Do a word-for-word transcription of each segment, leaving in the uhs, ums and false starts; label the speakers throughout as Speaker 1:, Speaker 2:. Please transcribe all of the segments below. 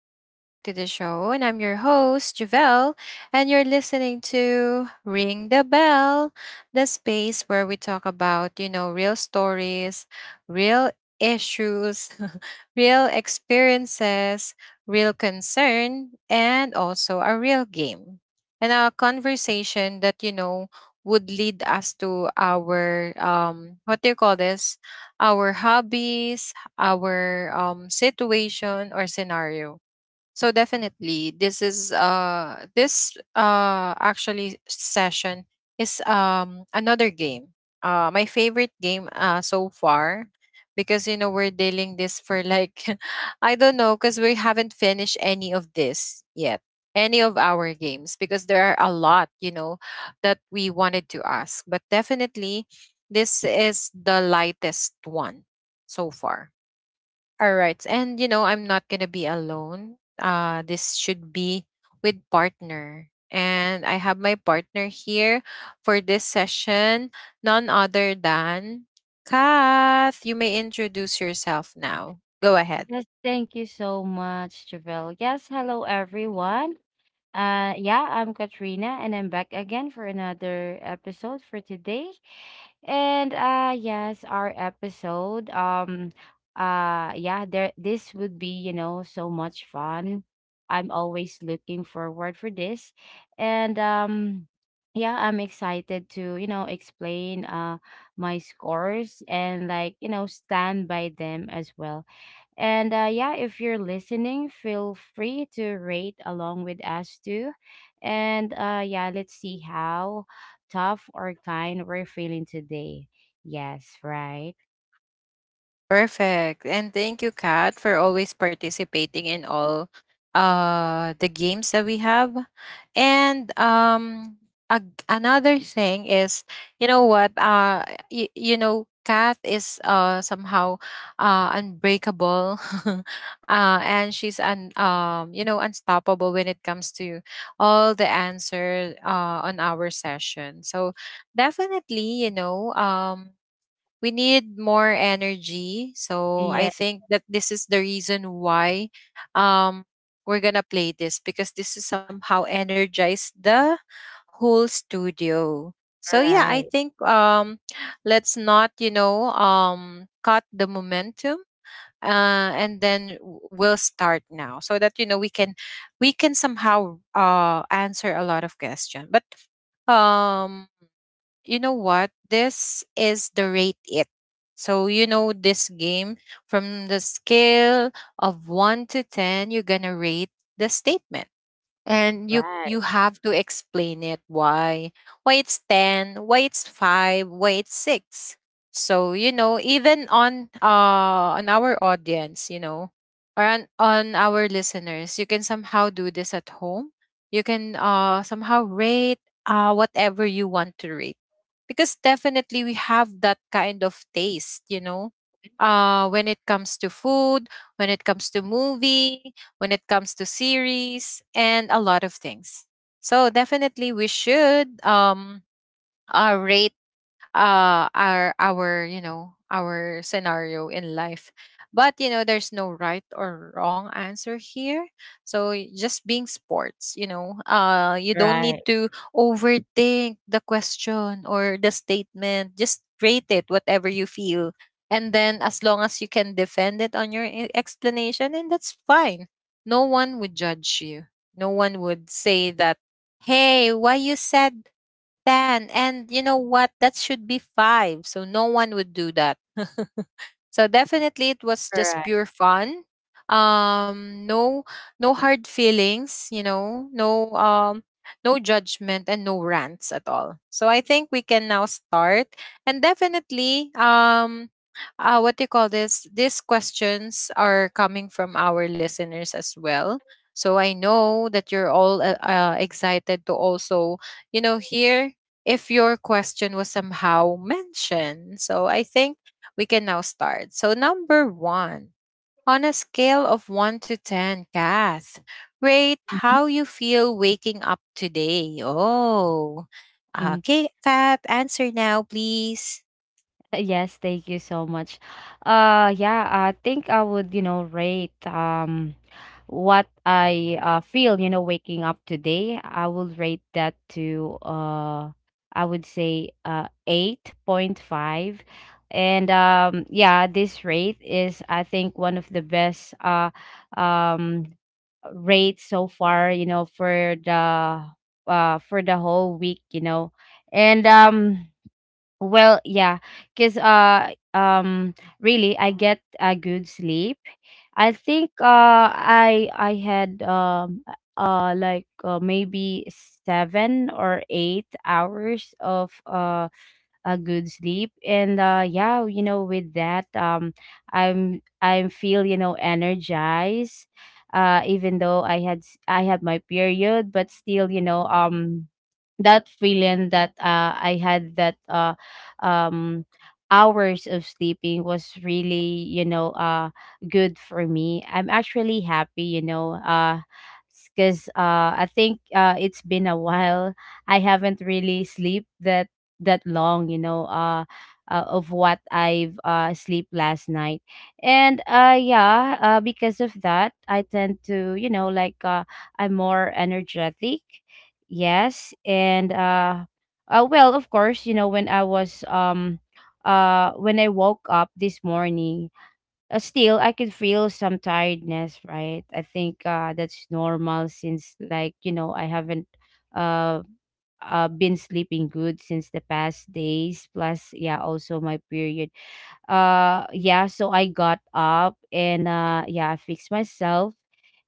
Speaker 1: Welcome back to the show. And I'm your host, Javelle, and you're listening to Ring the Bell, the space where we talk about, you know, real stories, real issues, real experiences, real concern, and also a real game. And a conversation that, you know, would lead us to our, um, what do you call this? Our hobbies, our um, situation or scenario. So definitely, this is uh this uh actually session is um another game. Uh, my favorite game uh so far, because you know we're dealing this for like I don't know, because we haven't finished any of this yet, any of our games, because there are a lot you know that we wanted to ask, but definitely this is the lightest one so far. All right. And you know, I'm not going to be alone. Uh this should be with partner. And I have my partner here for this session, none other than Kath. You may introduce yourself now. Go ahead.
Speaker 2: Yes, thank you so much, Javel. Yes, hello everyone. Uh yeah, I'm Katrina and I'm back again for another episode for today. And uh yes, our episode um uh yeah, there this would be, you know, so much fun. I'm always looking forward for this. And um yeah, I'm excited to, you know, explain uh my scores and like, you know, stand by them as well and uh, yeah, if you're listening, feel free to rate along with us too. And uh, yeah, let's see how tough or kind we're feeling today. Yes, right.
Speaker 1: Perfect. And thank you, Kat, for always participating in all uh the games that we have. And um ag- another thing is, you know what, uh y- you know, Kat is uh somehow uh unbreakable. Uh and she's un um you know, unstoppable when it comes to all the answer uh on our session. So definitely, you know, um we need more energy. So
Speaker 2: Yeah,
Speaker 1: I think that this is the reason why um, we're gonna play this because this is somehow energize the whole studio. So yeah, I
Speaker 2: right,
Speaker 1: think um, let's not you know um, cut the momentum. Uh, and then w- we'll start now so that you know we can we can somehow uh answer a lot of questions, but um you know what? This is the rate it. So you know this game, from the scale of one to ten, you're going to rate the statement, and you
Speaker 2: right,
Speaker 1: you have to explain it, why why it's ten, why it's five, why it's six. So you know, even on uh on our audience, you know, or on, on our listeners, you can somehow do this at home, you can uh somehow rate uh whatever you want to rate, because definitely we have that kind of taste you know uh when it comes to food, when it comes to movie, when it comes to series, and a lot of things. So definitely we should um uh, rate uh our our you know our scenario in life. But you know there's no right or wrong answer here, so y- just being sports, you know, uh you don't
Speaker 2: right,
Speaker 1: need to overthink the question or the statement, just rate it whatever you feel, and then as long as you can defend it on your e- explanation, and that's fine. No one would judge you. No one would say that, hey, why you said ten, and you know what, that should be five. So no one would do that. So definitely it was just
Speaker 2: right.
Speaker 1: pure fun. Um no, no hard feelings, you know, no um no judgment, and no rants at all. So I think we can now start. And definitely um uh, what do you call this, these questions are coming from our listeners as well, so I know that you're all uh, uh, excited to also you know hear if your question was somehow mentioned. So I think we can now start. So, number one, on a scale of one to ten, Kath, rate how you feel waking up today. Oh, uh,
Speaker 2: Mhm.
Speaker 1: okay, Kath, answer now, please.
Speaker 2: Yes, thank you so much. Uh yeah, I think I would, you know, rate um what I uh feel, you know, waking up today. I will rate that to uh I would say uh eight point five. And um yeah, this rate is I think one of the best uh um rates so far, you know, for the uh for the whole week, you know. And um well, yeah, because uh um really I get a good sleep. I think uh I I had um uh like uh, maybe seven or eight hours of uh a good sleep and uh yeah, you know, with that um I'm i feel, you know, energized, uh even though i had s- i had my period, but still, you know, um that feeling that uh i had that uh um hours of sleeping was really, you know, uh good for me. I'm actually happy, you know, uh because uh I think uh it's been a while. I haven't really slept that that long, you know, uh, uh of what I've uh sleep last night. And uh yeah, uh because of that, I tend to, you know, like uh I'm more energetic. Yes, and uh uh well, of course, you know, when I was um uh when I woke up this morning, uh, still I could feel some tiredness, right? I think uh that's normal since like, you know, I haven't uh uh, been sleeping good since the past days. Plus, yeah, also my period. uh yeah, so i got up and uh yeah, i fixed myself,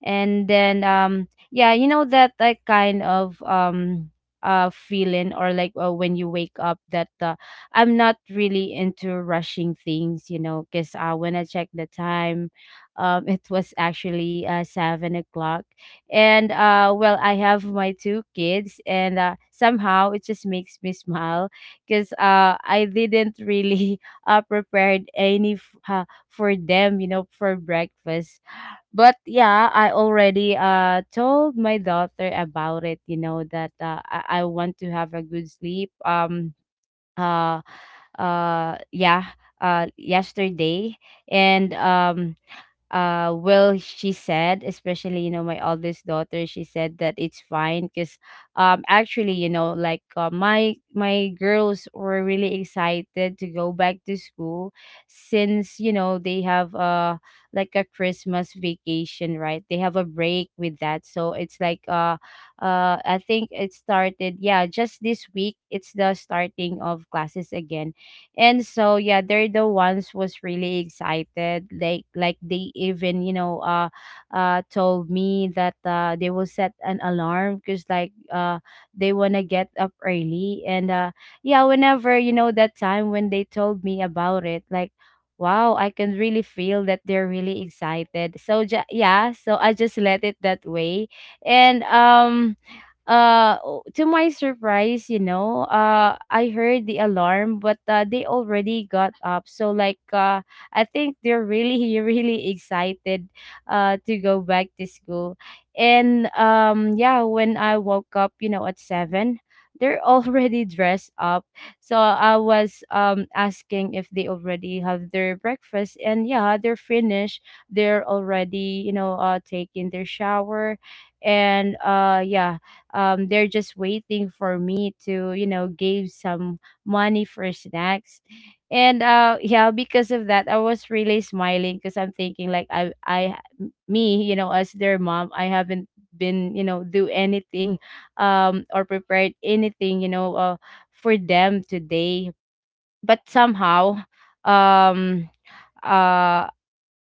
Speaker 2: and then um yeah, you know, that like kind of um uh feeling or like uh, when you wake up, that uh, I'm not really into rushing things, you know, because uh, when i checked the time, um it was actually uh seven o'clock, and uh well, i have my two kids, and uh somehow it just makes me smile because uh i didn't really uh, prepared any f- uh, for them, you know, for breakfast. But yeah, I already uh told my daughter about it, you know, that uh, I-, I want to have a good sleep. Um uh uh yeah, uh yesterday. And um uh well, she said, especially, you know, my oldest daughter, she said that it's fine because um actually, you know, like uh, my my girls were really excited to go back to school, since, you know, they have uh like a Christmas vacation, right? They have a break with that. So it's like uh uh I think it started, yeah, just this week it's the starting of classes again. And so yeah, they're the ones was really excited. Like like they even, you know, uh uh told me that uh they will set an alarm because like uh they want to get up early. And uh yeah, whenever, you know, that time when they told me about it, like, wow, i can really feel that they're really excited. So ju- yeah so i just let it that way. and um uh o- to my surprise, you know, uh i heard the alarm, but uh, they already got up. So like uh i think they're really really excited uh to go back to school. And um yeah, when i woke up, you know, at seven, they're already dressed up. So i was um asking if they already have their breakfast, and yeah, they're finished. They're already, you know, uh taking their shower. And uh yeah, um they're just waiting for me to, you know, give some money for snacks. And uh yeah, because of that i was really smiling, because I'm thinking, like, i i me, you know, as their mom, I haven't been, you know, do anything, um or prepared anything, you know, uh, for them today. But somehow, um uh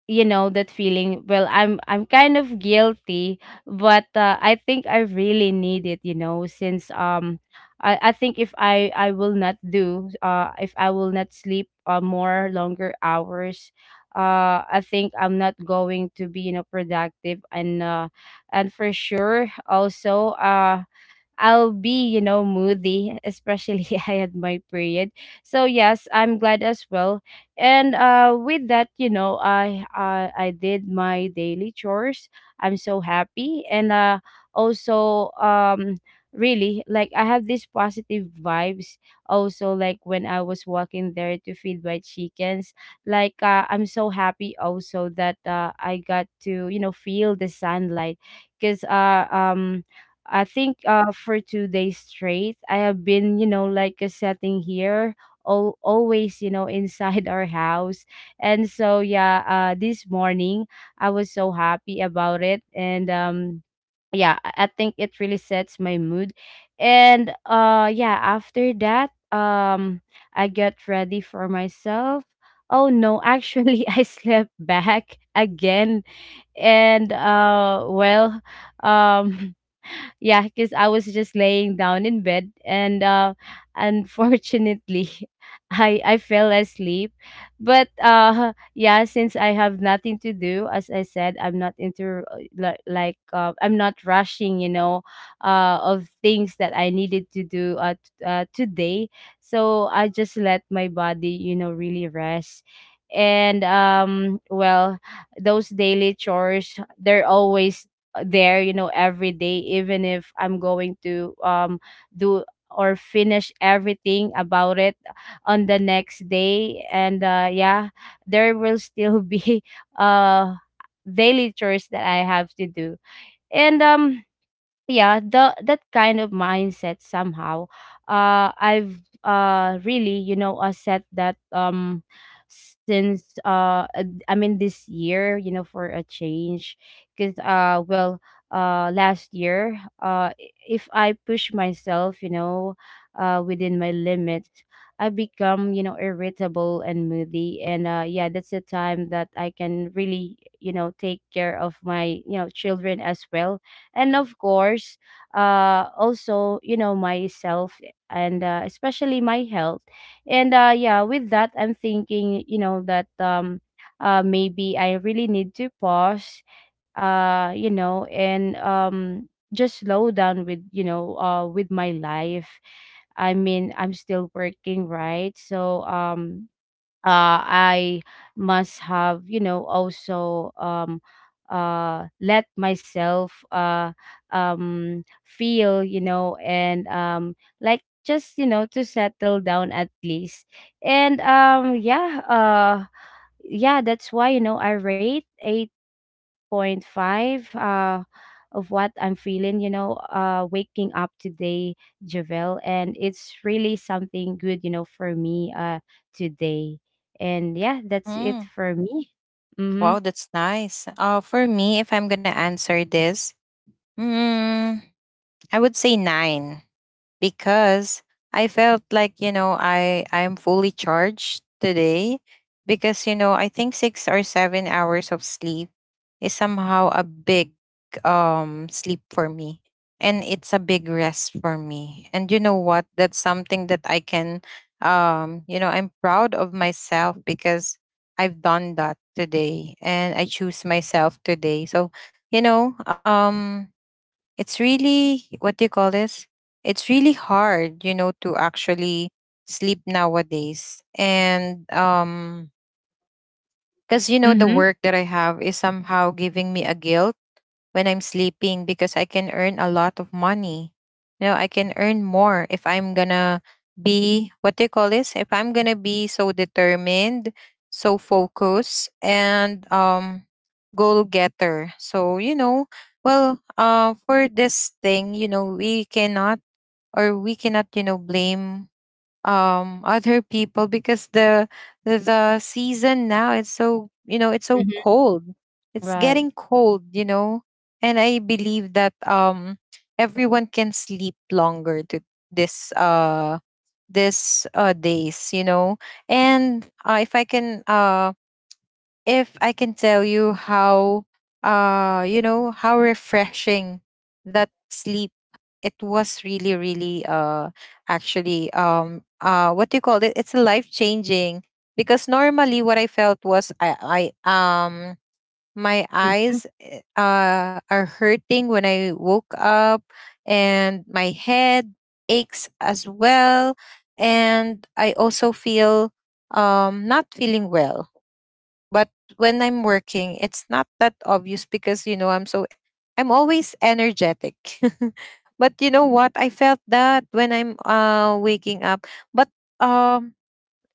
Speaker 2: you know, that feeling, well, i'm i'm kind of guilty, but uh, I think i really need it, you know, since um i i think if i i will not do, uh if i will not sleep uh, more longer hours, uh i think I'm not going to be, you know, productive. And uh and for sure also, uh I'll be, you know, moody, especially I had my period. So yes, I'm glad as well. And uh with that, you know, I I, I did my daily chores. I'm so happy, and uh also um really, like, I have these positive vibes also, like when I was walking there to feed my chickens. Like uh, I'm so happy also that uh, I got to, you know, feel the sunlight, because uh um I think uh for two days straight, I have been, you know, like uh, sitting here, all, always, you know, inside our house. And so yeah, uh this morning I was so happy about it, and um yeah, I I think it really sets my mood. And uh yeah, after that, um I got ready for myself. Oh no, actually, I slept back again, and uh well, um yeah, because i was just laying down in bed, and uh unfortunately, i i fell asleep. But uh yeah, since i have nothing to do, as i said, I'm not into uh, li- like uh, I'm not rushing, you know, uh of things that i needed to do, uh, t- uh today. So i just let my body, you know, really rest. And um well, those daily chores, they're always there, you know, every day, even if I'm going to um do or finish everything about it on the next day. And uh yeah, there will still be uh daily chores that i have to do. And um yeah, the that kind of mindset somehow, uh i've uh really, you know, uh, set that, um since uh uh, I mean, this year, you know, for a change, because uh well, uh last year, uh i- if i push myself, you know, uh within my limits, i become, you know, irritable and moody. And uh yeah, that's the time that i can really, you know, take care of my, you know, children as well, and of course, uh also, you know, myself, and uh, especially my health. And uh yeah, with that, I'm thinking, you know, that um uh maybe i really need to pause, uh you know, and um just slow down with, you know, uh with my life. I mean, I'm still working, right? So um uh, I must have, you know, also, um, uh, let myself, uh, um, feel, you know, and um, like, just, you know, to settle down, at least. And um, yeah, uh, yeah, that's why, you know, i rate eight point five uh of what I'm feeling, you know, uh waking up today, Javel. And it's really something good, you know, for me uh today. And yeah, that's it
Speaker 1: Mm,
Speaker 2: for me. Mm-hmm.
Speaker 1: wow, that's nice. Uh, for me, if I'm going to answer this, mm, I would say nine. Because I felt like you know I I'm fully charged today, because you know I think six or seven hours of sleep is somehow a big um sleep for me, and it's a big rest for me. And you know what, that's something that I can, um you know, I'm proud of myself, because I've done that today, and I choose myself today. So you know, um it's really, what do you call this, it's really hard you know to actually sleep nowadays. And um Because you know the
Speaker 2: Mm-hmm.
Speaker 1: work that I have is somehow giving me a guilt when I'm sleeping, because I can earn a lot of money. You know, I can earn more if I'm gonna be, what do you call this? If I'm gonna be so determined, so focused, and um, goal getter. So you know, well, uh, for this thing, you know, we cannot, or we cannot, you know, blame um other people, because the the, the season now, it's so you know it's so
Speaker 2: Mm-hmm.
Speaker 1: cold, it's
Speaker 2: Right.
Speaker 1: getting cold you know. And I believe that um everyone can sleep longer to this uh this uh days you know. And uh, if i can um if I can tell you how uh you know how refreshing that sleep, it was really really uh actually, um uh what do you call it, it's life changing. Because normally what I felt was, I I um my
Speaker 2: Mm-hmm.
Speaker 1: eyes eh, uh are hurting when I woke up, and my head aches as well. And I also feel um not feeling well. But when I'm working, it's not that obvious because, you know, I'm so, I'm always energetic. But you know what, I felt that when I'm uh, waking up. But um,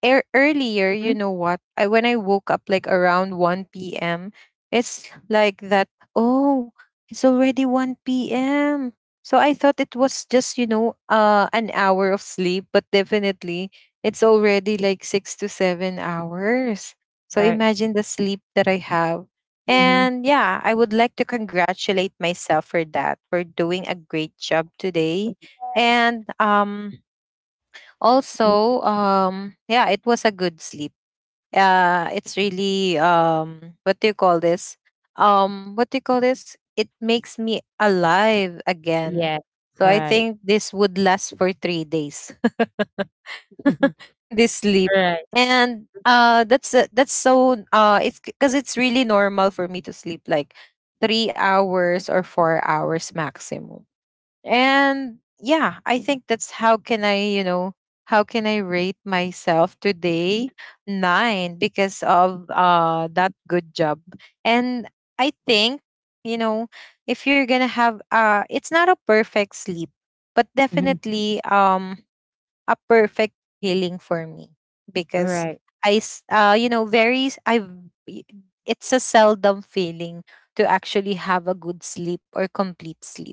Speaker 1: ear earlier, you
Speaker 2: Hmm.
Speaker 1: know what, I when I woke up like around one p m, it's like that, oh, it's already one p m. So I thought it was just, you know, uh an hour of sleep, but definitely it's already like six to seven hours. So
Speaker 2: Right.
Speaker 1: imagine the sleep that I have.
Speaker 2: Mm-hmm.
Speaker 1: And yeah, I would like to congratulate myself for that, for doing a great job today.
Speaker 2: Yes.
Speaker 1: And um
Speaker 2: Mm,
Speaker 1: also, um yeah, it was a good sleep. Uh it's really, um what do you call this, um what do you call this, it makes me alive again.
Speaker 2: yeah.
Speaker 1: So I
Speaker 2: Right.
Speaker 1: think this would last for three days.
Speaker 2: Right.
Speaker 1: This sleep.
Speaker 2: Mm-hmm. Right.
Speaker 1: And uh that's uh, that's so, uh it's because, it's really normal for me to sleep like three hours or four hours maximum. And yeah, I think, that's how can I, you know, how can I rate myself today? Nine, because of uh that good job. And I think, you know, if you're gonna have, uh it's not a perfect sleep, but
Speaker 2: Hmm.
Speaker 1: definitely um a perfect healing for me, because
Speaker 2: Right.
Speaker 1: I s- uh you know, very I it's a seldom feeling to actually have a good sleep or complete sleep.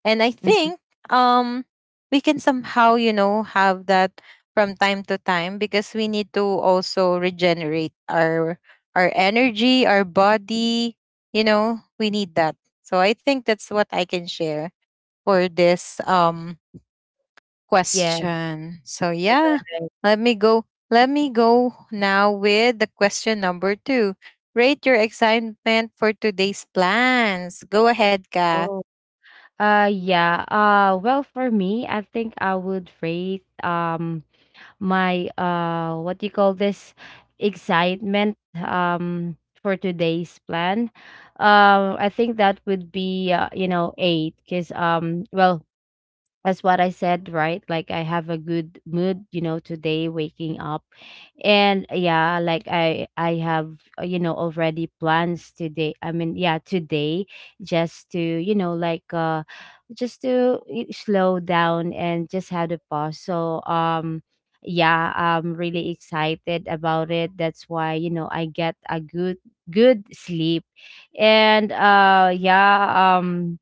Speaker 1: And I
Speaker 2: Mhm.
Speaker 1: think um we can somehow, you know, have that from time to time, because we need to also regenerate our our energy, our body, you know, we need that. So I think that's what I can share for this um
Speaker 2: Yeah.
Speaker 1: question. So yeah,
Speaker 2: Right.
Speaker 1: let me go let me go now with the question number two. Rate your excitement for today's plans. Go ahead, Kath.
Speaker 2: Oh, Uh yeah. Uh well, for me, I think I would rate um my uh what do you call this, excitement um for today's plan. Um I think that would be uh, you know, eight, cuz um well, that's what I said, right? Like, I have a good mood, you know, today waking up. And yeah, like, I I have, uh, you know, already plans today. I mean, yeah, today just to, you know, like uh just to y- slow down and just have a pause. So, um yeah, I'm really excited about it. That's why, you know, I get a good good sleep. And uh yeah, um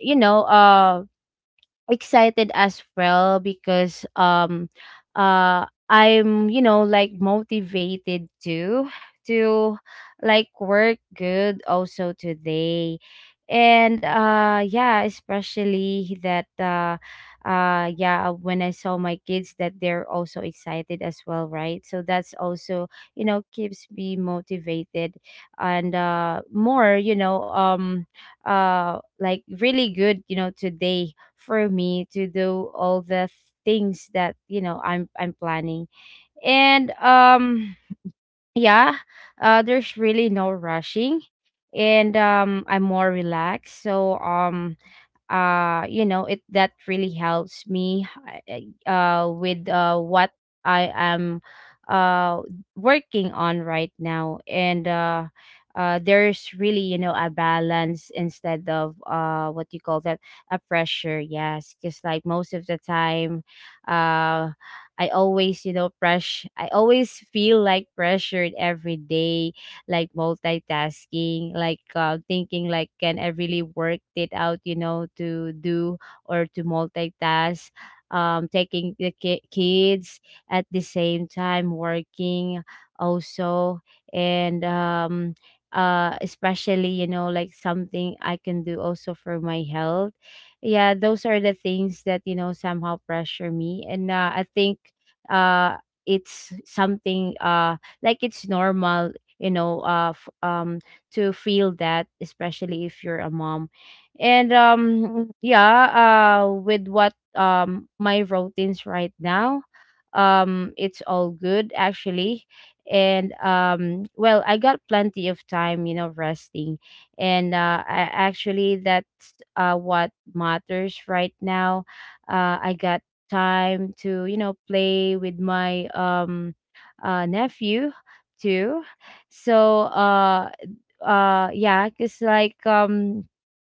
Speaker 2: you know, uh excited as well, because um uh I'm, you know, like, motivated to to like work good also today. And uh yeah, especially that uh uh yeah, when I saw my kids that they're also excited as well, right? So that's also, you know, keeps me motivated and uh more, you know, um uh like, really good, you know, today for me to do all the things that, you know, I'm I'm planning. And um yeah, uh there's really no rushing, and um I'm more relaxed. So um uh you know it that really helps me uh uh, with uh what I am uh working on right now, and uh uh there's really you know a balance instead of uh what you call that, a pressure. Yes, because, like, most of the time, uh I always you know press I always feel like pressured every day, like multitasking, like uh, thinking like, can I really work it out, you know, to do or to multitask, um, taking the ki- kids at the same time working also. And um uh especially you know like, something I can do also for my health. Yeah, those are the things that you know somehow pressure me. And uh, I think uh it's something uh like it's normal you know of um to feel that, especially if you're a mom. And um yeah, uh with what um my routines right now, um it's all good actually. And um well, I got plenty of time you know resting. And uh I, actually that's uh what matters right now. uh I got time to you know play with my um uh nephew too. So uh uh yeah, because, like, um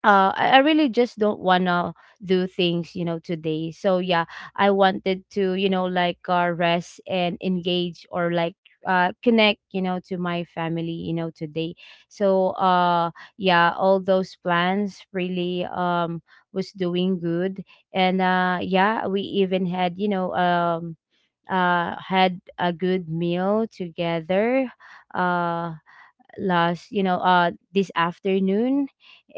Speaker 2: uh I, I really just don't wanna do things you know today, so yeah. I wanted to you know like uh rest and engage, or like uh connect you know to my family you know today. So uh yeah, all those plans really um was doing good. And uh yeah, we even had you know um uh, had a good meal together. Uh, Last you know uh this afternoon.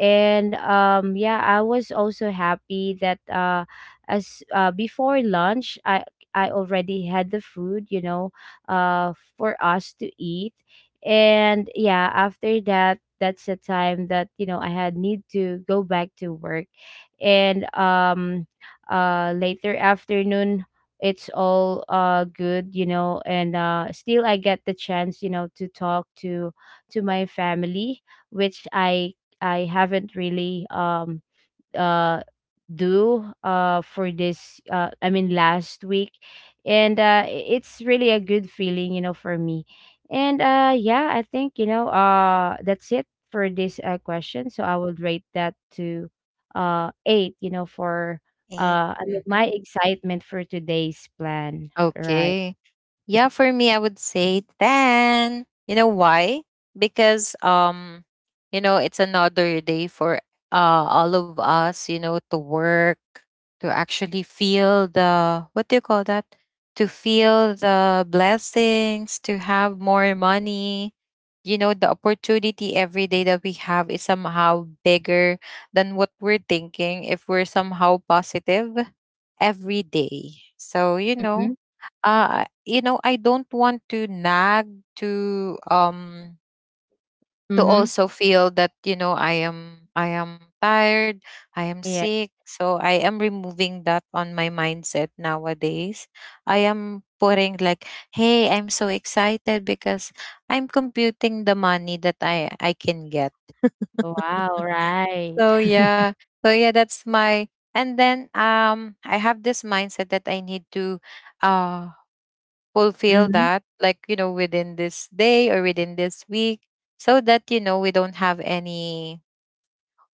Speaker 2: And um yeah, I was also happy that uh as uh before lunch, i i already had the food you know uh for us to eat. And yeah, after that, that's the time that you know I had need to go back to work. And um uh later afternoon, it's all uh good you know and uh still, I get the chance you know to talk to, to my family, which I I haven't really um uh do uh for this uh I mean, last week. And uh i- it's really a good feeling you know for me. And uh yeah, I think you know uh that's it for this uh, question. So I would rate that to uh eight you know for
Speaker 1: eight.
Speaker 2: uh I mean, my
Speaker 1: Hmm.
Speaker 2: excitement for today's plan, right.
Speaker 1: Okay. Yeah, for me, I would say ten. You know why? Because, um, you know, it's another day for uh, all of us, you know, to work, to actually feel the, what do you call that, to feel the blessings, to have more money. You know, the opportunity every day that we have is somehow bigger than what we're thinking, if we're somehow positive every day. So, you know,
Speaker 2: Mm-hmm.
Speaker 1: uh you know, I don't want to nag, to um to
Speaker 2: Mm-hmm.
Speaker 1: also feel that you know i am I am tired, I am
Speaker 2: Yeah.
Speaker 1: sick, so I am removing that on my mindset nowadays. I am putting like, hey, I'm so excited because I'm computing the money that i i can get.
Speaker 2: Wow, right.
Speaker 1: So yeah. So yeah that's my. And then um I have this mindset that I need to uh fulfill
Speaker 2: Mm-hmm.
Speaker 1: that, like, you know, within this day or within this week, so that you know we don't have any,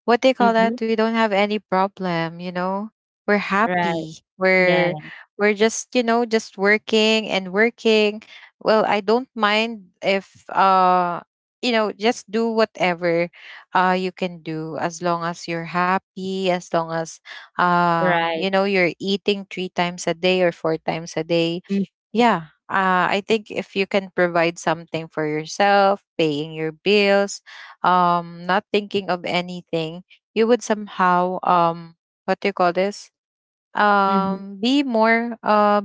Speaker 1: what they call
Speaker 2: Mhm.
Speaker 1: that, we don't have any problem you know, we're
Speaker 2: Right.
Speaker 1: happy,
Speaker 2: Yeah.
Speaker 1: we're we're just you know just working and working. Well, I don't mind if, uh you know, just do whatever, uh you can do, as long as you're happy, as long as, uh
Speaker 2: Right.
Speaker 1: you know, you're eating three times a day or four times a day.
Speaker 2: Mm.
Speaker 1: Yeah, uh, I think if you can provide something for yourself, paying your bills, um, not thinking of anything, you would somehow, um, what do you call this?
Speaker 2: Mhm.
Speaker 1: Um, be more uh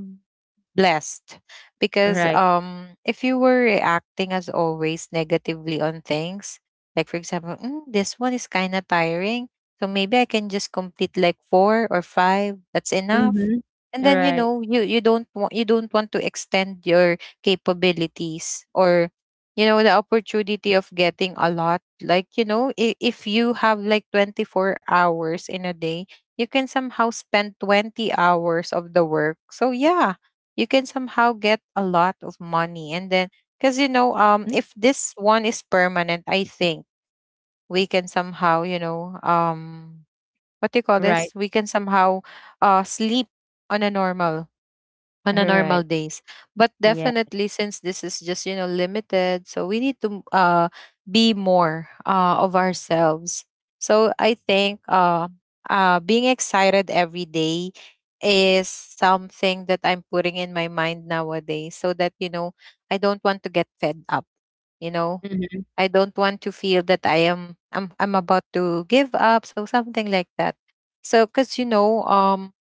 Speaker 1: blessed because
Speaker 2: Right.
Speaker 1: um if you were reacting as always negatively on things, like for example, "Mm, this one is kind of tiring, so maybe I can just complete like four or five, that's enough."
Speaker 2: Mhm.
Speaker 1: And then, you
Speaker 2: Right.
Speaker 1: know, you you don't want, you don't want to extend your capabilities, or, you know, the opportunity of getting a lot, like, you know, if, if you have like twenty-four hours in a day, you can somehow spend twenty hours of the work. So yeah, you can somehow get a lot of money. And then, because, you know,
Speaker 2: Mhm.
Speaker 1: um if this one is permanent, I think we can somehow, you know, um what do you call
Speaker 2: Right.
Speaker 1: this, we can somehow uh sleep on a normal, on a
Speaker 2: Right.
Speaker 1: normal days. But
Speaker 2: Yeah.
Speaker 1: definitely, since this is just, you know, limited, so we need to uh be more uh of ourselves. So I think, uh uh being excited every day is something that I'm putting in my mind nowadays, so that, you know, I don't want to get fed up, you know.
Speaker 2: Mhm.
Speaker 1: I don't want to feel that i am i'm, I'm about to give up, so something like that. So because, you know, um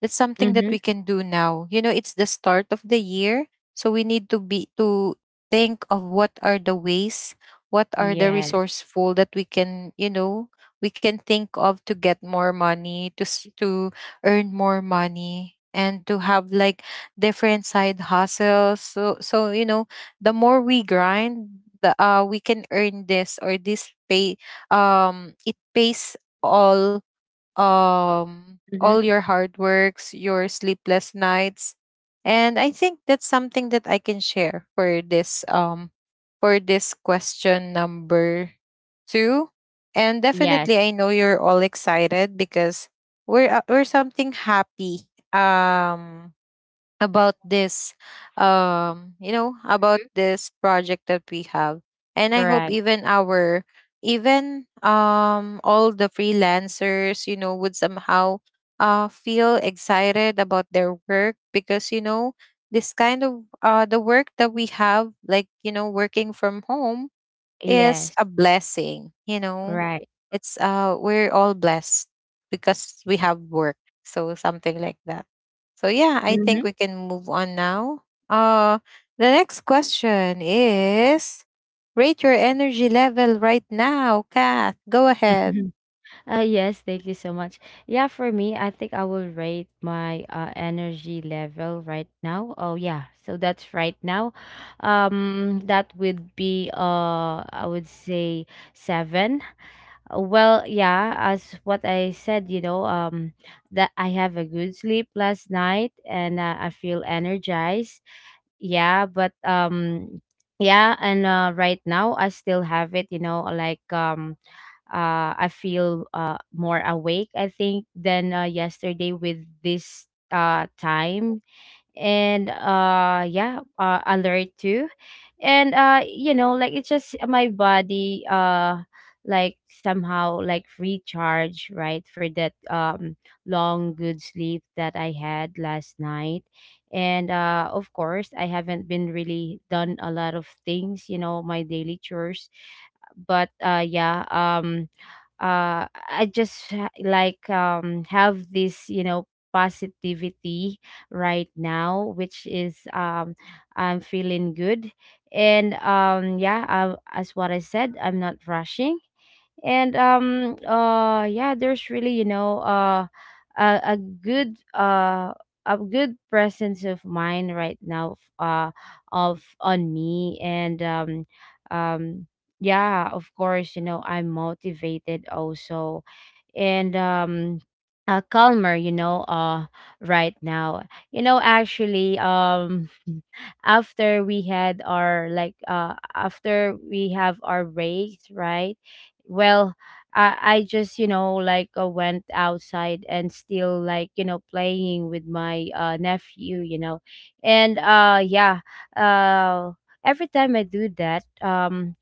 Speaker 1: that's something that we
Speaker 2: Mhm.
Speaker 1: can do now, you know. It's the start of the year, so we need to be to think of what are the ways, what are the
Speaker 2: Yeah.
Speaker 1: resourceful that we can, you know, we can think of, to get more money, to s- to earn more money, and to have like different side hustles. So, so you know, the more we grind, the uh we can earn this or this pay. Um it pays all, um
Speaker 2: Mhm.
Speaker 1: all your hard works, your sleepless nights. And I think that's something that I can share for this, um for this question number two. And
Speaker 2: Yes.
Speaker 1: definitely I know you're all excited, because we're uh, we're something happy. Um about this, um you know, about this project that we have. And I hope
Speaker 2: Right.
Speaker 1: even our, even, um all the freelancers, you know, would somehow uh feel excited about their work, because, you know, this kind of, uh the work that we have, like, you know, working from home, is
Speaker 2: Yes.
Speaker 1: a blessing, you know.
Speaker 2: Right.
Speaker 1: It's uh We're all blessed because we have work. So something like that. So yeah, I think
Speaker 2: Mhm.
Speaker 1: we can move on now. Uh the next question is, rate your energy level right now, Kath. Go ahead.
Speaker 2: Uh, yes, thank you so much. Yeah, for me, I think I will rate my uh, energy level right now. Oh yeah, so that's right now. Um, that would be uh, I would say seven. Uh, Well, yeah, as what I said, you know, um, that I have a good sleep last night, and uh, I feel energized. Yeah, but um, yeah, and uh, right now I still have it. You know, like um, uh, I feel uh more awake, I think, than uh, yesterday with this uh time, and uh yeah, uh, alert too. And uh you know, like, it's just my body uh like somehow, like, recharge, right, for that um long good sleep that I had last night. And uh of course, I haven't been really done a lot of things, you know, my daily chores. But uh yeah, um uh I just ha- like um have this you know positivity right now, which is um I'm feeling good. And um yeah, I, as what I said, I'm not rushing. And um uh yeah, there's really you know uh a, a good uh a good presence of mind right now f- uh of on me. And um um yeah, of course, you know, I'm motivated also. And um uh, calmer, you know uh right now, you know, actually um after we had our like uh after we have our breaks, right. Well, i i just you know like uh, went outside, and still like you know playing with my uh nephew, you know. And uh yeah, uh every time I do that, um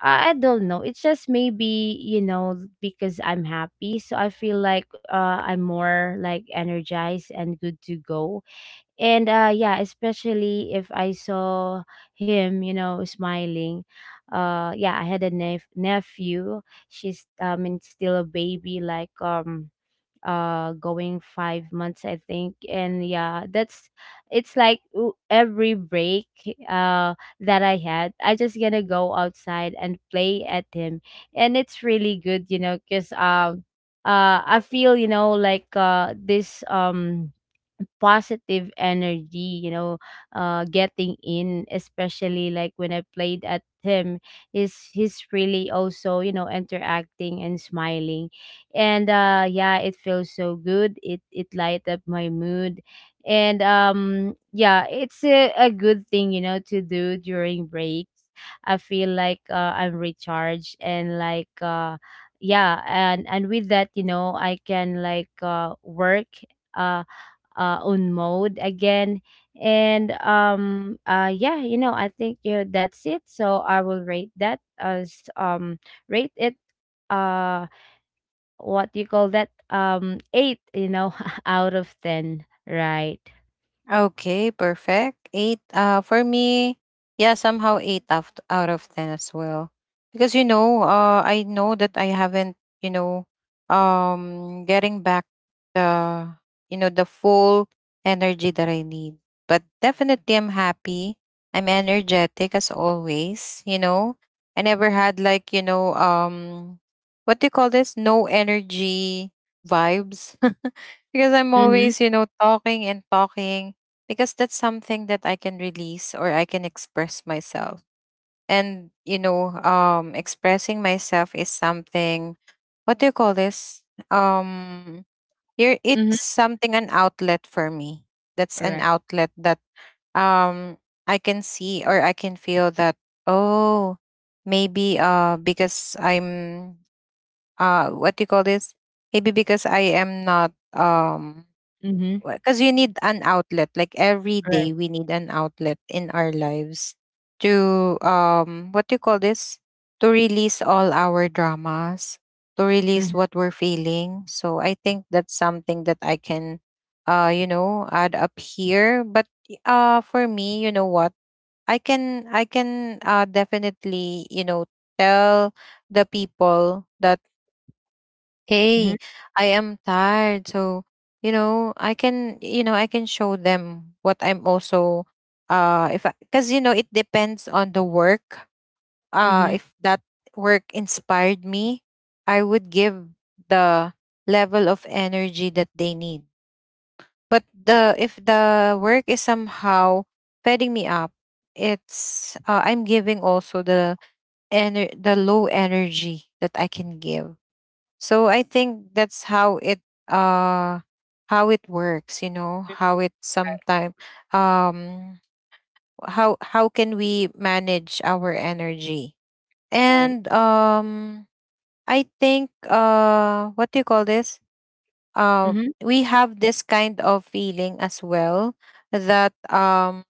Speaker 2: I I don't know. It's just maybe, you know, because I'm happy. So I feel like uh, I'm more like energized and good to go. And uh, yeah, especially if I saw him, you know, smiling. Uh, yeah, I had a nep- nephew. She's, I mean, still a baby, like, um, uh going five months, I think. And yeah, that's, it's like w- every break uh that I had, I just gonna go outside and play at him. And it's really good, you know, because um uh I feel you know like uh this um positive energy, you know, uh getting in, especially like when I played at him is, he's really also, you know, interacting and smiling. And uh yeah, it feels so good, it it light up my mood. And um yeah, it's a, a good thing, you know, to do during breaks. I feel like uh, I'm recharged, and like uh yeah. And and with that, you know, I can like uh work uh uh, own mode again. And um uh yeah, you know, I think, you know, that's it. So I will rate that as um rate it uh what do you call that? Um eight, you know, out of ten. Right.
Speaker 1: Okay, perfect. Eight. Uh, for me, yeah, somehow eight out out of ten as well. Because, you know, uh, I know that I haven't, you know, um, getting back the, you know, the full energy that I need. But definitely, I'm happy. I'm energetic as always. You know, I never had, like, you know, um, what do you call this? No energy vibes. Because I'm
Speaker 2: Mm-hmm.
Speaker 1: always, you know, talking and talking, because that's something that I can release, or I can express myself. And, you know, um expressing myself is something, what do you call this? Um Here,
Speaker 2: Mm-hmm.
Speaker 1: it's something, an outlet for me. That's an
Speaker 2: Right.
Speaker 1: outlet that, um I can see or I can feel that, oh, maybe uh because I'm, uh what do you call this? Maybe because I am not, um
Speaker 2: Mm-hmm.
Speaker 1: because you need an outlet, like, every
Speaker 2: Right.
Speaker 1: day we need an outlet in our lives to, um what do you call this, to release all our dramas, to release
Speaker 2: Mm-hmm.
Speaker 1: what we're feeling. So I think that's something that I can, uh you know, add up here. But y- uh for me, you know what, I can I can uh definitely, you know, tell the people that,
Speaker 2: Mm-hmm.
Speaker 1: hey, I am tired. So, you know, I can you know I can show them what I'm also. Uh if I, because you know it depends on the work. Uh
Speaker 2: Mm-hmm.
Speaker 1: if that work inspired me, I would give the level of energy that they need. But the if the work is somehow fetting me up, it's uh, I'm giving also the, ener- the low energy that I can give. So I think that's how it, uh how it works, you know, how it
Speaker 2: Right.
Speaker 1: sometime, um how how can we manage our energy?
Speaker 2: Right.
Speaker 1: And um I think, uh what do you call this? Um
Speaker 2: Mm-hmm.
Speaker 1: we have this kind of feeling as well, that, um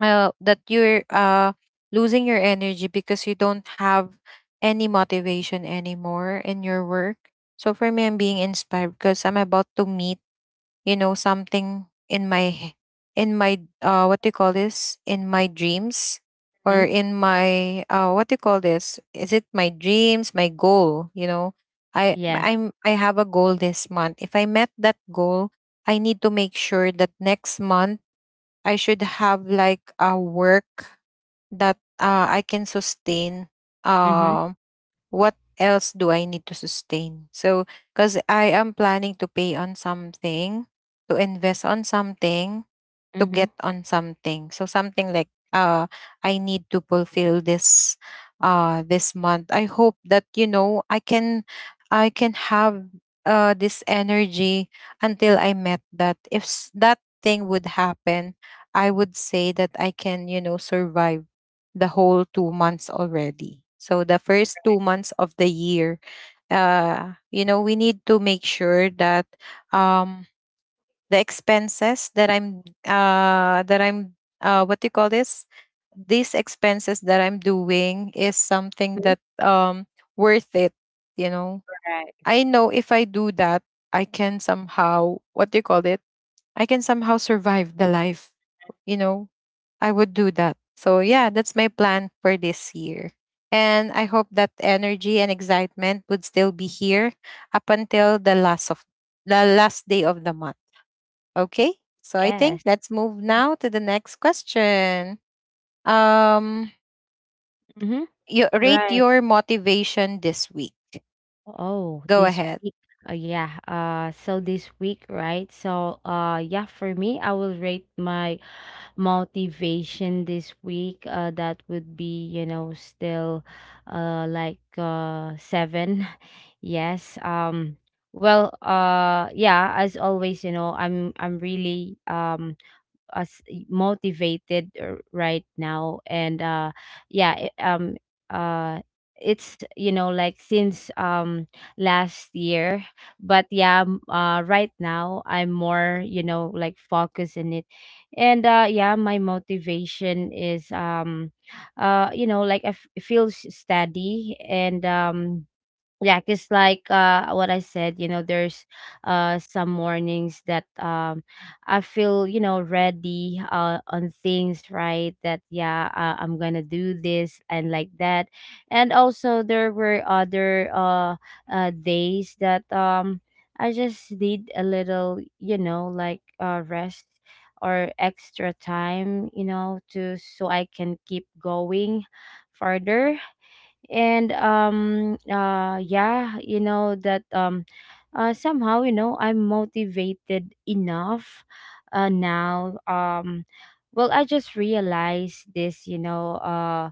Speaker 1: uh, that you're, uh, losing your energy because you don't have any motivation anymore in your work. So for me, I'm being inspired because I'm about to meet, you know, something in my h- in my, uh, what do you call this? In my dreams,
Speaker 2: Mm-hmm.
Speaker 1: or in my, uh, what do you call this? Is it my dreams? My goal? You know, I
Speaker 2: Yeah.
Speaker 1: I'm I have a goal this month. If I met that goal, I need to make sure that next month I should have like a work that, uh, I can sustain.
Speaker 2: Mm-hmm.
Speaker 1: Uh, what else do I need to sustain? So, because I am planning to pay on something, to invest on something, to
Speaker 2: Mm-hmm.
Speaker 1: get on something. So something like, uh I need to fulfill this, uh this month. I hope that, you know, I can I can have, uh this energy until I met that. If s- that thing would happen, I would say that I can, you know, survive the whole two months already. So the first two months of the year, uh you know, we need to make sure that, um the expenses that, I'm uh that I'm, uh what do you call this, these expenses that I'm doing is something that, um worth it, you know.
Speaker 2: Right.
Speaker 1: I know if I do that, I can somehow, what do you call it, I can somehow survive the life, you know. I would do that. So yeah, that's my plan for this year, and I hope that energy and excitement would still be here up until the last of the last day of the month. Okay, so I think
Speaker 2: Yes.
Speaker 1: let's move now to the next question. Um,
Speaker 2: Mm-hmm.
Speaker 1: you rate
Speaker 2: Right.
Speaker 1: your motivation this week.
Speaker 2: Oh,
Speaker 1: Go
Speaker 2: this
Speaker 1: ahead.
Speaker 2: week. Uh, yeah. Uh, so this week, right? So, uh, yeah, for me, I will rate my motivation this week. Uh, that would be, you know, still, uh, like, uh, seven. Yes. Um, well, uh, yeah, as always, you know, I'm, I'm really, um, us motivated r- right now. And uh yeah, it, um uh it's, you know, like, since um last year. But yeah, m- uh right now, I'm more, you know, like focused in it. And uh yeah, my motivation is um uh you know, like, I f- feel steady. And um yeah, because, like, uh what I said, you know, there's uh some mornings that um I feel, you know, ready uh on things, right, that yeah, uh, I'm gonna do this and like that. And also there were other uh, uh days that um I just need a little, you know, like uh rest or extra time, you know, to, so I can keep going further. And um uh yeah, you know, that um uh somehow, you know, I'm motivated enough uh now. Um well, I just realized this, you know, uh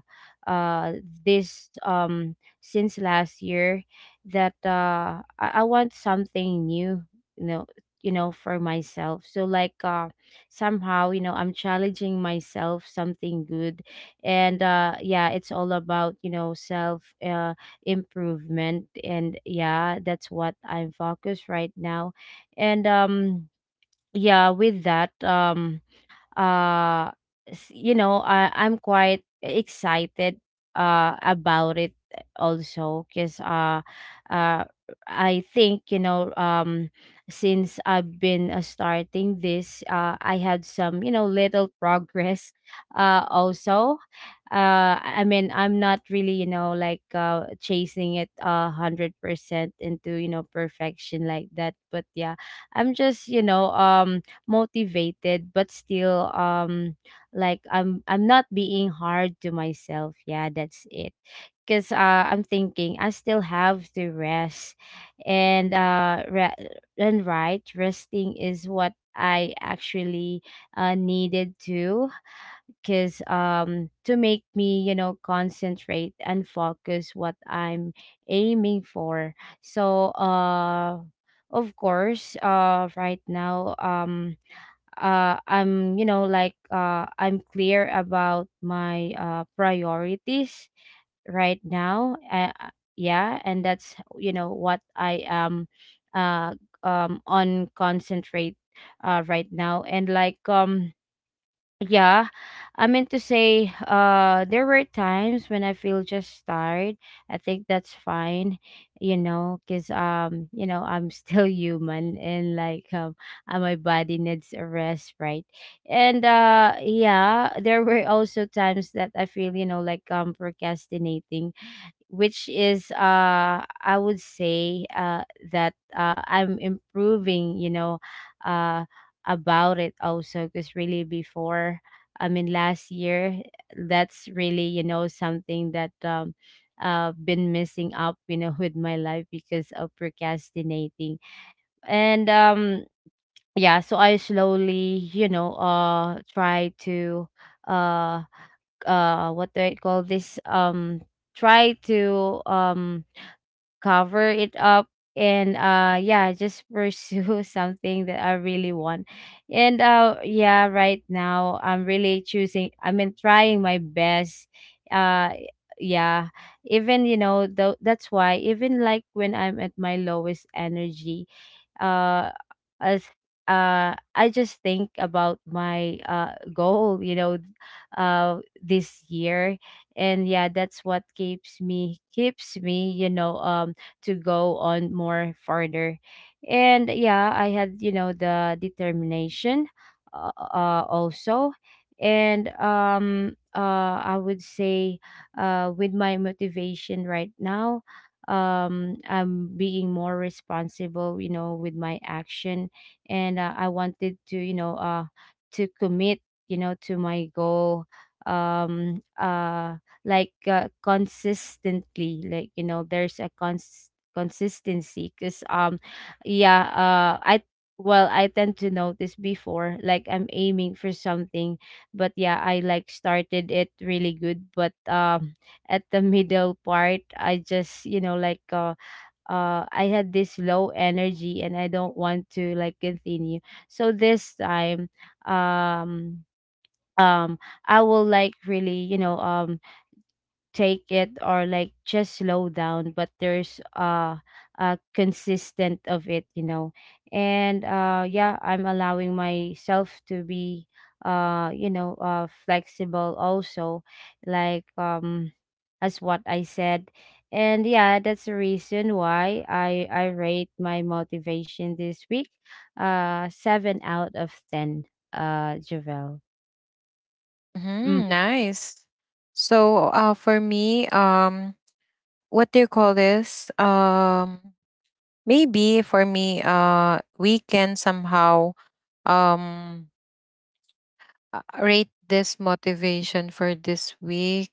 Speaker 2: uh this um since last year, that uh i, I want something new, you know, you know for myself. So like uh somehow, you know, I'm challenging myself something good. And uh yeah, it's all about, you know, self uh improvement. And yeah, that's what I'm focused right now. And um yeah, with that, um uh s- you know, I, I'm quite excited uh about it. Also because uh uh I think, you know, um since I've been uh, starting this, uh I had some, you know, little progress uh also. uh I mean, I'm not really, you know, like uh chasing it a hundred percent into, you know, perfection like that, but yeah, I'm just, you know, um motivated, but still um like, i'm i'm not being hard to myself. Yeah, that's it. Because uh, I'm thinking I still have to rest. And uh re- and right, resting is what I actually uh, needed to. Because um to make me, you know, concentrate and focus what I'm aiming for. So uh of course, uh right now, um uh I'm, you know, like, uh I'm clear about my uh priorities right now uh, uh, yeah, and that's, you know, what I am uh um on concentrate uh right now. And like um yeah, I meant to say, uh, there were times when I feel just tired. I think that's fine, you know, because um, you know, I'm still human, and like um, uh, my body needs a rest, right? And uh, yeah, there were also times that I feel, you know, like um, procrastinating, which is uh I would say uh that uh I'm improving, you know, uh about it also. Because really before, I mean last year, that's really, you know, something that um uh been missing up, you know, with my life because of procrastinating. And um yeah, so I slowly, you know, uh try to, uh uh what do I call this? Um try to um cover it up. And uh yeah, just pursue something that I really want. And uh yeah, right now I'm really choosing, I mean, trying my best. uh yeah, even, you know, though, that's why even like when I'm at my lowest energy uh as, uh I just think about my uh goal, you know, uh this year. And yeah, that's what keeps me keeps me, you know, um to go on more further. And yeah, I had, you know, the determination, uh, uh also. And um uh I would say uh with my motivation right now, um I'm being more responsible, you know, with my action. And uh, I wanted to, you know uh to commit, you know, to my goal. um uh like, uh, consistently, like, you know, there's a cons- consistency, because um yeah. uh I Well, I tend to notice before like I'm aiming for something, but yeah, I like started it really good, but um at the middle part I just, you know, like uh, uh I had this low energy and I don't want to like continue. So this time, um um I will like really, you know, um take it, or like just slow down, but there's uh a consistent of it, you know. And uh yeah, I'm allowing myself to be, uh you know, uh flexible also, like, um as what I said. And yeah, that's the reason why i i rate my motivation this week, uh seven out of ten. uh Javel.
Speaker 1: Hmm,
Speaker 2: Mm-hmm.
Speaker 1: nice. So, uh, for me, um, what do you call this? Um, maybe for me, uh, weekend somehow, um, uh, rate this motivation for this week.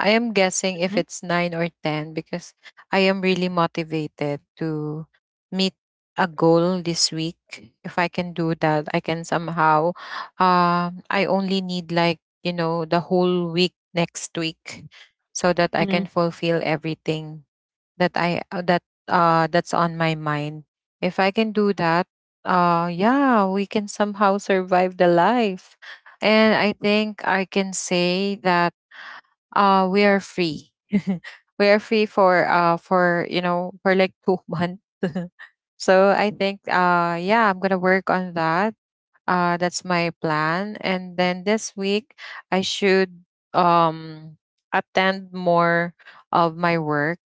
Speaker 1: I am guessing if it's nine or ten, because I am really motivated to meet a goal this week. If I can do that, I can somehow. Um, I only need, like, you know, the whole week next week, so that I
Speaker 2: Mm-hmm.
Speaker 1: can fulfill everything that I uh, that uh that's on my mind. If I can do that, uh yeah, we can somehow survive the life. And I think I can say that, uh we are free. We are free for, uh for, you know, for like two months. So I think, uh yeah, I'm gonna work on that. Uh, that's my plan. And then this week, I should, um, attend more of my work,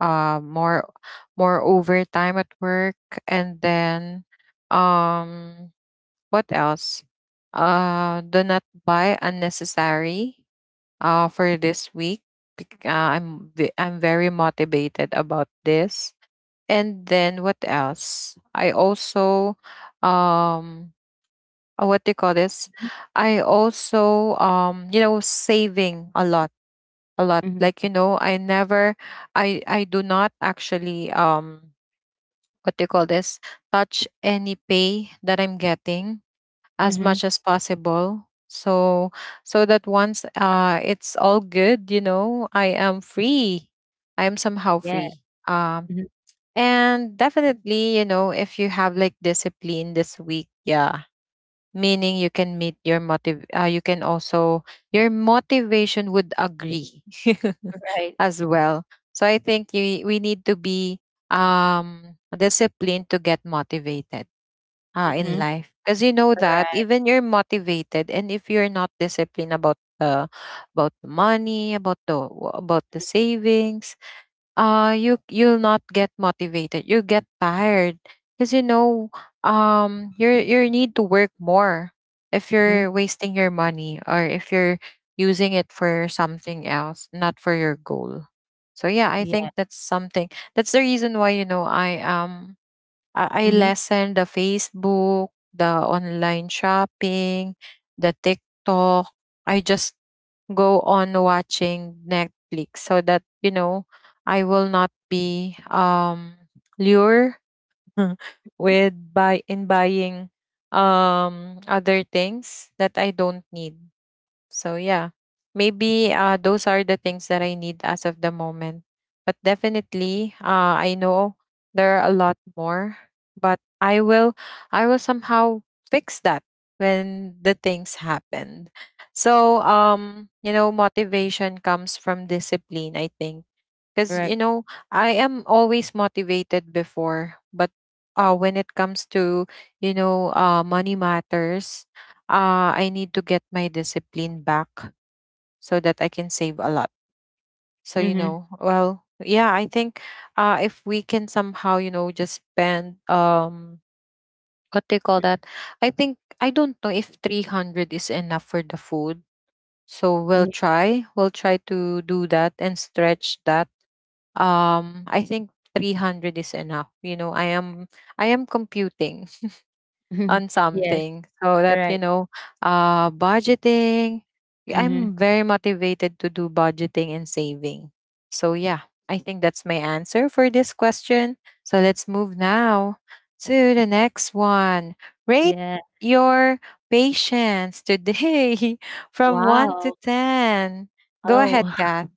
Speaker 1: uh, more more overtime at work, and then, um, what else? Uh, do not buy unnecessary, uh, for this week. bec- Uh, I'm ve- I'm very motivated about this. And then what else? I also, um uh, what do you call this? I also, um you know, saving a lot, a lot like, you know, I never, I I do not actually, um what do you call this, touch any pay that I'm getting as
Speaker 2: Mm-hmm.
Speaker 1: much as possible. So so that once, uh it's all good, you know, I am free. I am somehow
Speaker 2: Yeah.
Speaker 1: free. Um
Speaker 2: Mhm.
Speaker 1: and definitely, you know, if you have like discipline this week, yeah, meaning you can meet your motive, uh, you can also, your motivation would agree
Speaker 2: Right.
Speaker 1: as well. So I think you, we need to be um disciplined to get motivated, uh, in
Speaker 2: Mhm.
Speaker 1: life, because, you know, that
Speaker 2: Right.
Speaker 1: even you're motivated, and if you're not disciplined about the, about the money, about the, about the savings, uh you you'll not get motivated, you get tired. Because, you know, um you you need to work more if
Speaker 2: Mhm.
Speaker 1: you're wasting your money, or if you're using it for something else, not for your goal. So yeah, I
Speaker 2: Yeah.
Speaker 1: think that's something. That's the reason why, you know, i um i, I
Speaker 2: Mhm.
Speaker 1: lessen the Facebook, the online shopping, the TikTok. I just go on watching Netflix so that, you know, I will not be, um lured with buy in buying, um other things that I don't need. So yeah, maybe, uh, those are the things that I need as of the moment. But definitely, uh, I know there are a lot more. But I will, I will somehow fix that when the things happen. So, um, you know, motivation comes from discipline. I think, because, you
Speaker 2: Right.
Speaker 1: know, I am always motivated before, but, uh, when it comes to, you know, uh, money matters, uh, I need to get my discipline back so that I can save a lot. So, you
Speaker 2: Mhm.
Speaker 1: know, well, yeah, I think, uh, if we can somehow, you know, just spend, um, what do you call that? I think, I don't know if three hundred is enough for the food. So we'll
Speaker 2: Yeah.
Speaker 1: try. We'll try to do that and stretch that. um I think three hundred is enough. You know, I am I am computing on
Speaker 2: Yes.
Speaker 1: something, so that, you
Speaker 2: Right.
Speaker 1: know, uh budgeting, yeah,
Speaker 2: Mhm.
Speaker 1: I'm very motivated to do budgeting and saving. So yeah, I think that's my answer for this question. So let's move now to the next one. Rate
Speaker 2: Yeah.
Speaker 1: your patience today from one to
Speaker 2: Wow.
Speaker 1: ten. Go
Speaker 2: Oh.
Speaker 1: ahead, Kath.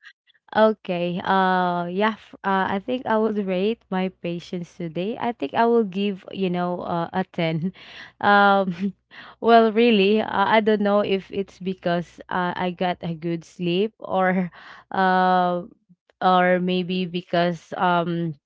Speaker 2: Okay. Uh. Yeah. f- Uh. I think I would rate my patience today. I think I will give, you know uh, a ten. Um. Well, really, uh, I don't know if it's because uh, I got a good sleep, or uh, or maybe because um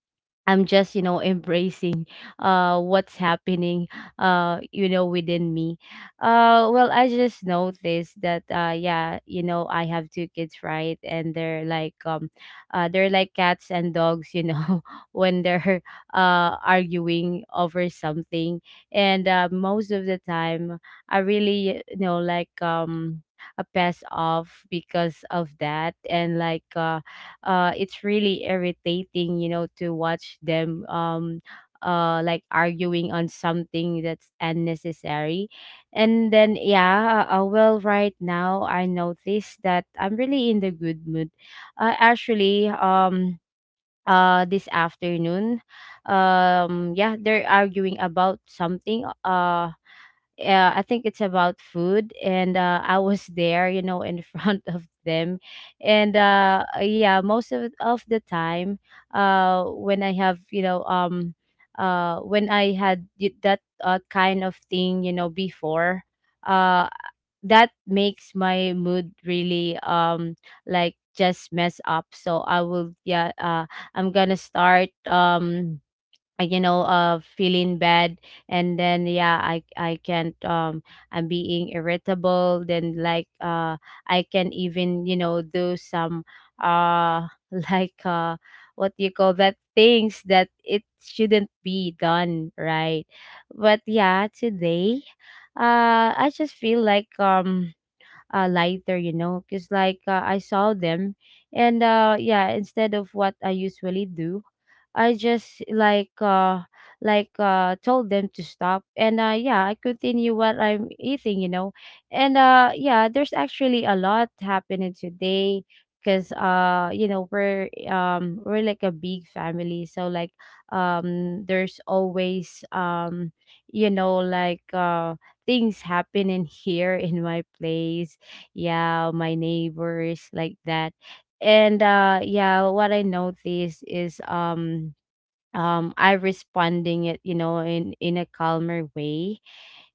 Speaker 2: I'm just, you know, embracing uh what's happening, uh you know, within me. Uh well, I just noticed that, uh yeah, you know, I have two kids, right? And they're like, um uh they're like cats and dogs, you know, when they're uh arguing over something. And uh most of the time I really, you know, like, um a pass off because of that, and like uh uh it's really irritating, you know, to watch them, um uh like arguing on something that's unnecessary. And then yeah, uh, well right now I notice that I'm really in the good mood, uh, actually. Um uh this afternoon, um yeah, they're arguing about something, uh uh, I think it's about food, and uh, I was there, you know, in front of them. And uh, uh, yeah, most of of the time, uh, when I have, you know, um, uh, when I had y- that, uh, kind of thing, you know, before, uh, that makes my mood really, um like just mess up. So I will, yeah, uh, I'm gonna start, um uh, you know, uh feeling bad. And then yeah, i i can't, um I'm being irritable then, like, uh I can even, you know, do some uh like, uh what you call that, things that it shouldn't be done, right? But yeah, today, uh I just feel like, um uh, lighter, you know, because like uh, I saw them. And uh yeah, instead of what I usually do, I just like, uh like, uh told them to stop. And uh yeah, I continue what I'm eating, you know. And uh yeah, there's actually a lot happening today, because, uh you know, we're um we're like a big family. So like, um there's always, um you know, like, uh things happening here in my place, yeah, my neighbors like that. And uh yeah, what I noticed is, um um I responding it, you know, in in a calmer way.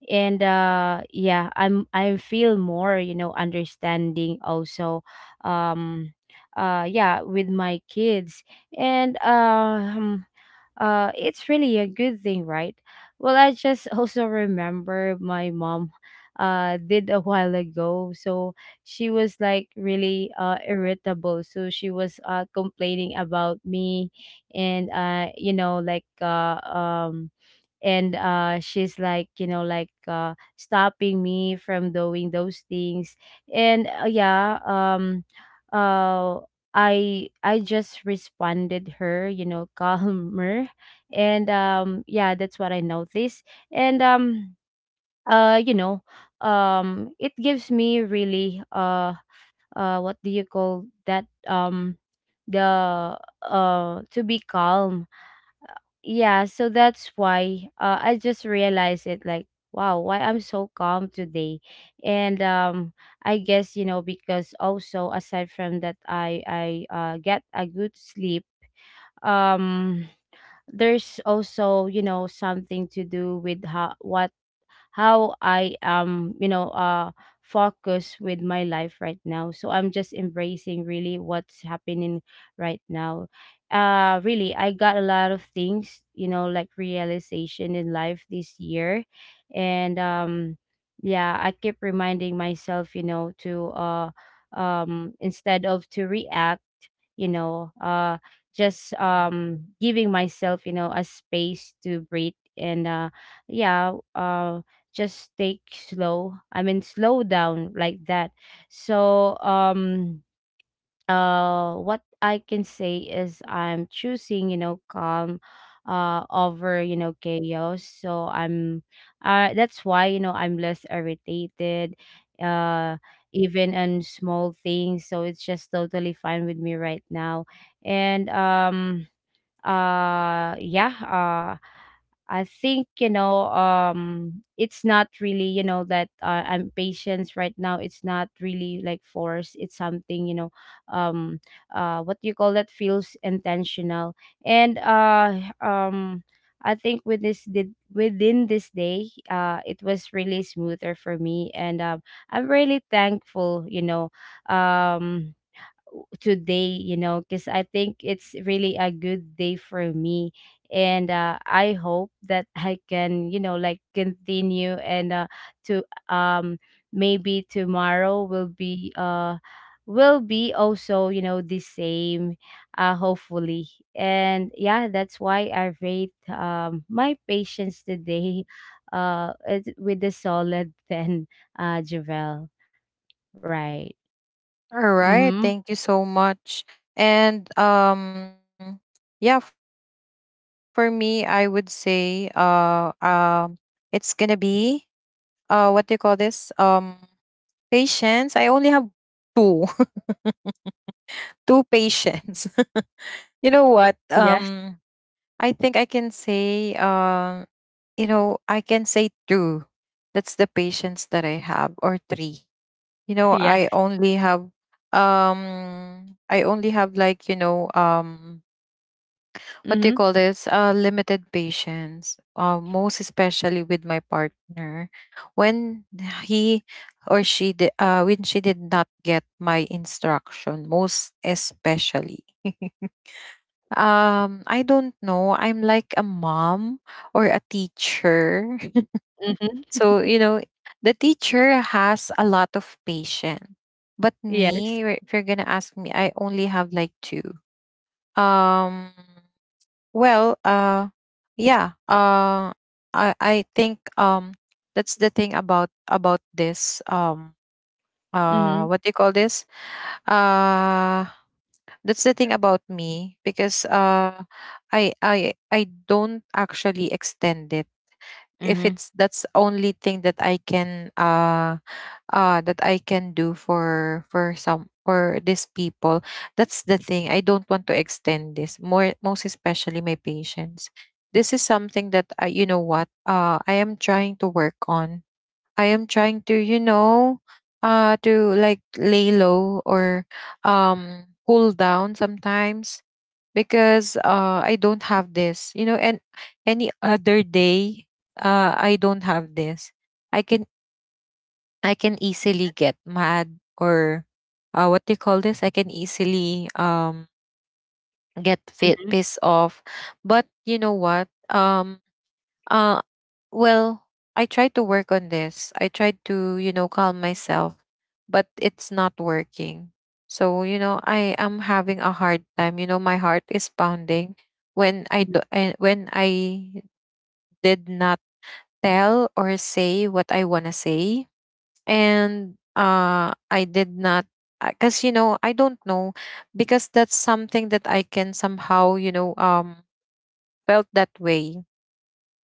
Speaker 2: And uh yeah, I'm I feel more, you know, understanding also, um uh yeah, with my kids. And um uh it's really a good thing, right? Well, I just also remember my mom, uh did a while ago. So she was like really uh irritable, so she was uh complaining about me. And uh you know, like, uh um and uh she's like, you know, like, uh stopping me from doing those things. And uh, yeah, um uh i i just responded her, you know, calmer. And um yeah, that's what I noticed. And um uh you know, um it gives me really, uh uh what do you call that, um the, uh to be calm, yeah. So that's why, uh, I just realized it like, wow, why I'm so calm today. And um I guess, you know, because also aside from that, i i uh, get a good sleep. um there's also, you know, something to do with how what, how I am, you know, uh, focused with my life right now. So I'm just embracing really what's happening right now. Uh, really, I got a lot of things, you know, like realization in life this year. And, um, yeah, I keep reminding myself, you know, to, uh, um, instead of to react, you know, uh just, um giving myself, you know, a space to breathe. And uh yeah, uh just take slow, I mean slow down, like that. So, um uh what I can say is I'm choosing, you know, calm uh over, you know, chaos. So, I'm uh that's why, you know, I'm less irritated, uh even on small things. So it's just totally fine with me right now. And, um uh yeah, uh, I think, you know, um it's not really, you know, that, uh, I'm patient right now. It's not really like force. It's something, you know, um uh what do you call that, feels intentional. And uh um I think with this, did within this day, uh it was really smoother for me. And um I'm really thankful, you know, um today, you know, because I think it's really a good day for me. And, uh, I hope that I can, you know, like continue. And, uh, to, um maybe tomorrow will be, uh will be also, you know, the same, uh hopefully. And yeah, that's why I rate, um my patience today, uh it, with the solid ten. uh Javel. Right.
Speaker 1: All right,
Speaker 2: Mm-hmm.
Speaker 1: thank you so much. And um yeah, for me I would say uh um it's going to be uh what do you call this? Um patience. I only have two two patients. You know what?
Speaker 2: Yes.
Speaker 1: Um I think I can say um you know, I can say two. That's the patience that I have, or three. You know,
Speaker 2: Yeah.
Speaker 1: I only have um I only have like, you know, um what do you
Speaker 2: Mm-hmm.
Speaker 1: call this, uh limited patience uh, most especially with my partner when he or she did uh when she did not get my instruction, most especially. um I don't know, I'm like a mom or a teacher.
Speaker 2: Mhm.
Speaker 1: So you know, the teacher has a lot of patience, but
Speaker 2: Yes.
Speaker 1: me, if you're gonna ask me, I only have like two. um Well, uh, yeah, uh, I I think um that's the thing about about this, um uh
Speaker 2: Mhm.
Speaker 1: what do you call this uh that's the thing about me because uh I I I don't actually extend it. If
Speaker 2: Mhm.
Speaker 1: it's, that's only thing that I can uh uh that I can do for for some, for these people. That's the thing. I don't want to extend this more, most especially my patients. This is something that I, you know what, uh I am trying to work on. I am trying to, you know, uh to like lay low, or um cool down sometimes because uh, I don't have this, you know, and any other day uh, I don't have this. I can I can easily get mad, or uh, what do you call this? I can easily um, get fit,
Speaker 2: Mhm.
Speaker 1: pissed off. But you know what? Um, uh, well, I tried to work on this. I tried to, you know, calm myself, but it's not working. So, you know, I am having a hard time. You know, my heart is pounding when I
Speaker 2: Mhm.
Speaker 1: do, and when I did not tell or say what I want to say. And uh I did not, because you know, I don't know, because that's something that I can somehow, you know, um felt that way.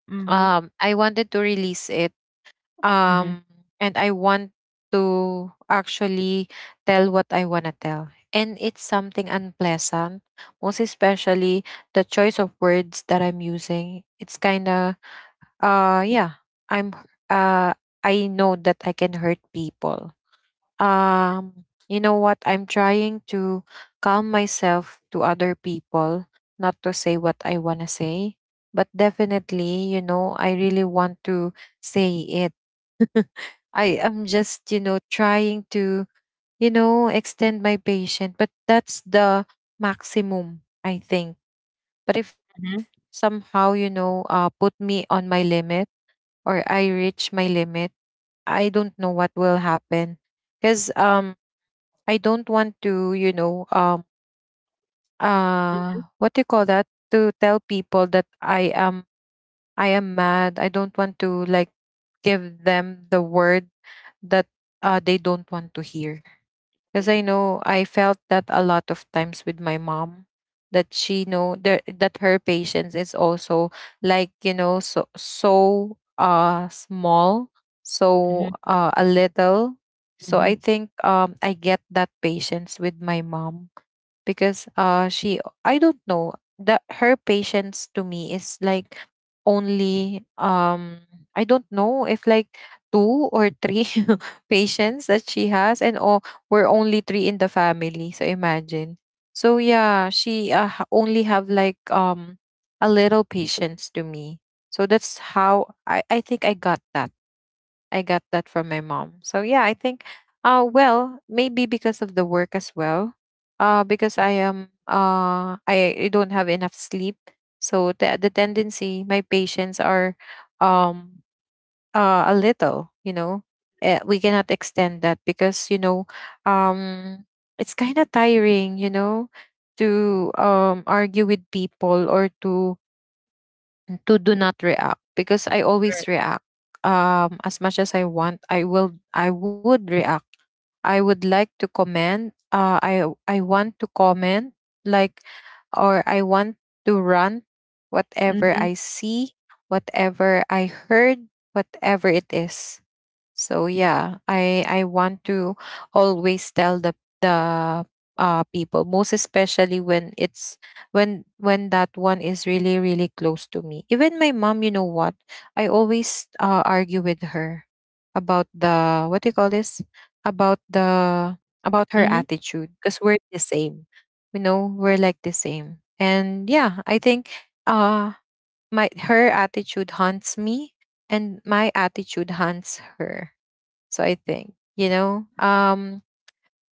Speaker 2: Mhm.
Speaker 1: Um I wanted to release it,
Speaker 2: Mhm.
Speaker 1: um and I want to actually tell what I want to tell, and it's something unpleasant, most especially the choice of words that I'm using. It's kind of uh yeah, i'm h- uh I know that I can hurt people. Um you know what, I'm trying to calm myself to other people, not to say what I want to say. But definitely, you know, I really want to say it. I am just, you know, trying to, you know extend my patience, but that's the maximum, I think. But if
Speaker 2: Mhm.
Speaker 1: somehow, you know, uh put me on my limit, or I reach my limit, I don't know what will happen. Because um I don't want to, you know, um, uh, what do you call that, to tell people that I am, I am mad. I don't want to like give them the word that uh, they don't want to hear. Because I
Speaker 2: Mhm.
Speaker 1: know I felt that a lot of times with my mom, that she know that that her patience is also like, you know, so so uh small, so
Speaker 2: Mhm.
Speaker 1: uh a little. So I
Speaker 2: Mhm.
Speaker 1: think um I get that patience with my mom because uh she, I don't know, that her patience to me is like only, um I don't know if like two or three patients that she has. And oh, we're only three in the family, so imagine. So yeah, she uh, ha- only have like um a little patience to me, so that's how I I think I got that, I got that from my mom. So yeah, I think uh well, maybe because of the work as well. Uh because I am uh I, I don't have enough sleep. So the the tendency, my patients are um uh a little, you know. Uh, we cannot extend that because, you know, um it's kind of tiring, you know, to um argue with people, or to to do
Speaker 2: Mhm.
Speaker 1: not react, because I always
Speaker 2: Correct.
Speaker 1: react. Um, as much as I want, I will. I would react. I would like to comment. Uh, I I want to comment, like, or I want to run. Whatever I
Speaker 2: Mhm.
Speaker 1: see, whatever I heard, whatever it is. So yeah, I I want to always tell the the uh people, most especially when it's, when when that one is really really close to me. Even my mom, you know what? I always uh, argue with her about the, what do you call this, about the, about her
Speaker 2: Mhm.
Speaker 1: attitude, because we're the same. You know, we're like the same. And yeah, I think uh my her attitude haunts me, and my attitude haunts her, so I think, you know, um,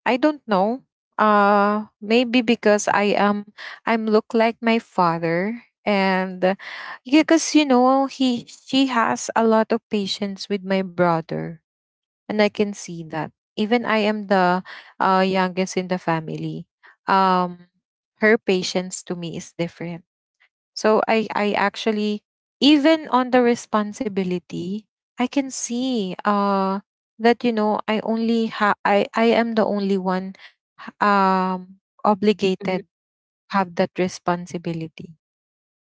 Speaker 1: I don't know. Uh, maybe because I am, I'm look like my father. And because, you know, he she has a lot of patience with my brother, and I can see that. Even I am the uh, youngest in the family. Um, her patience to me is different, so I I actually, even on the responsibility, I can see uh that, you know, I only ha I I am the only one h- um
Speaker 2: Mhm.
Speaker 1: obligated, have that responsibility.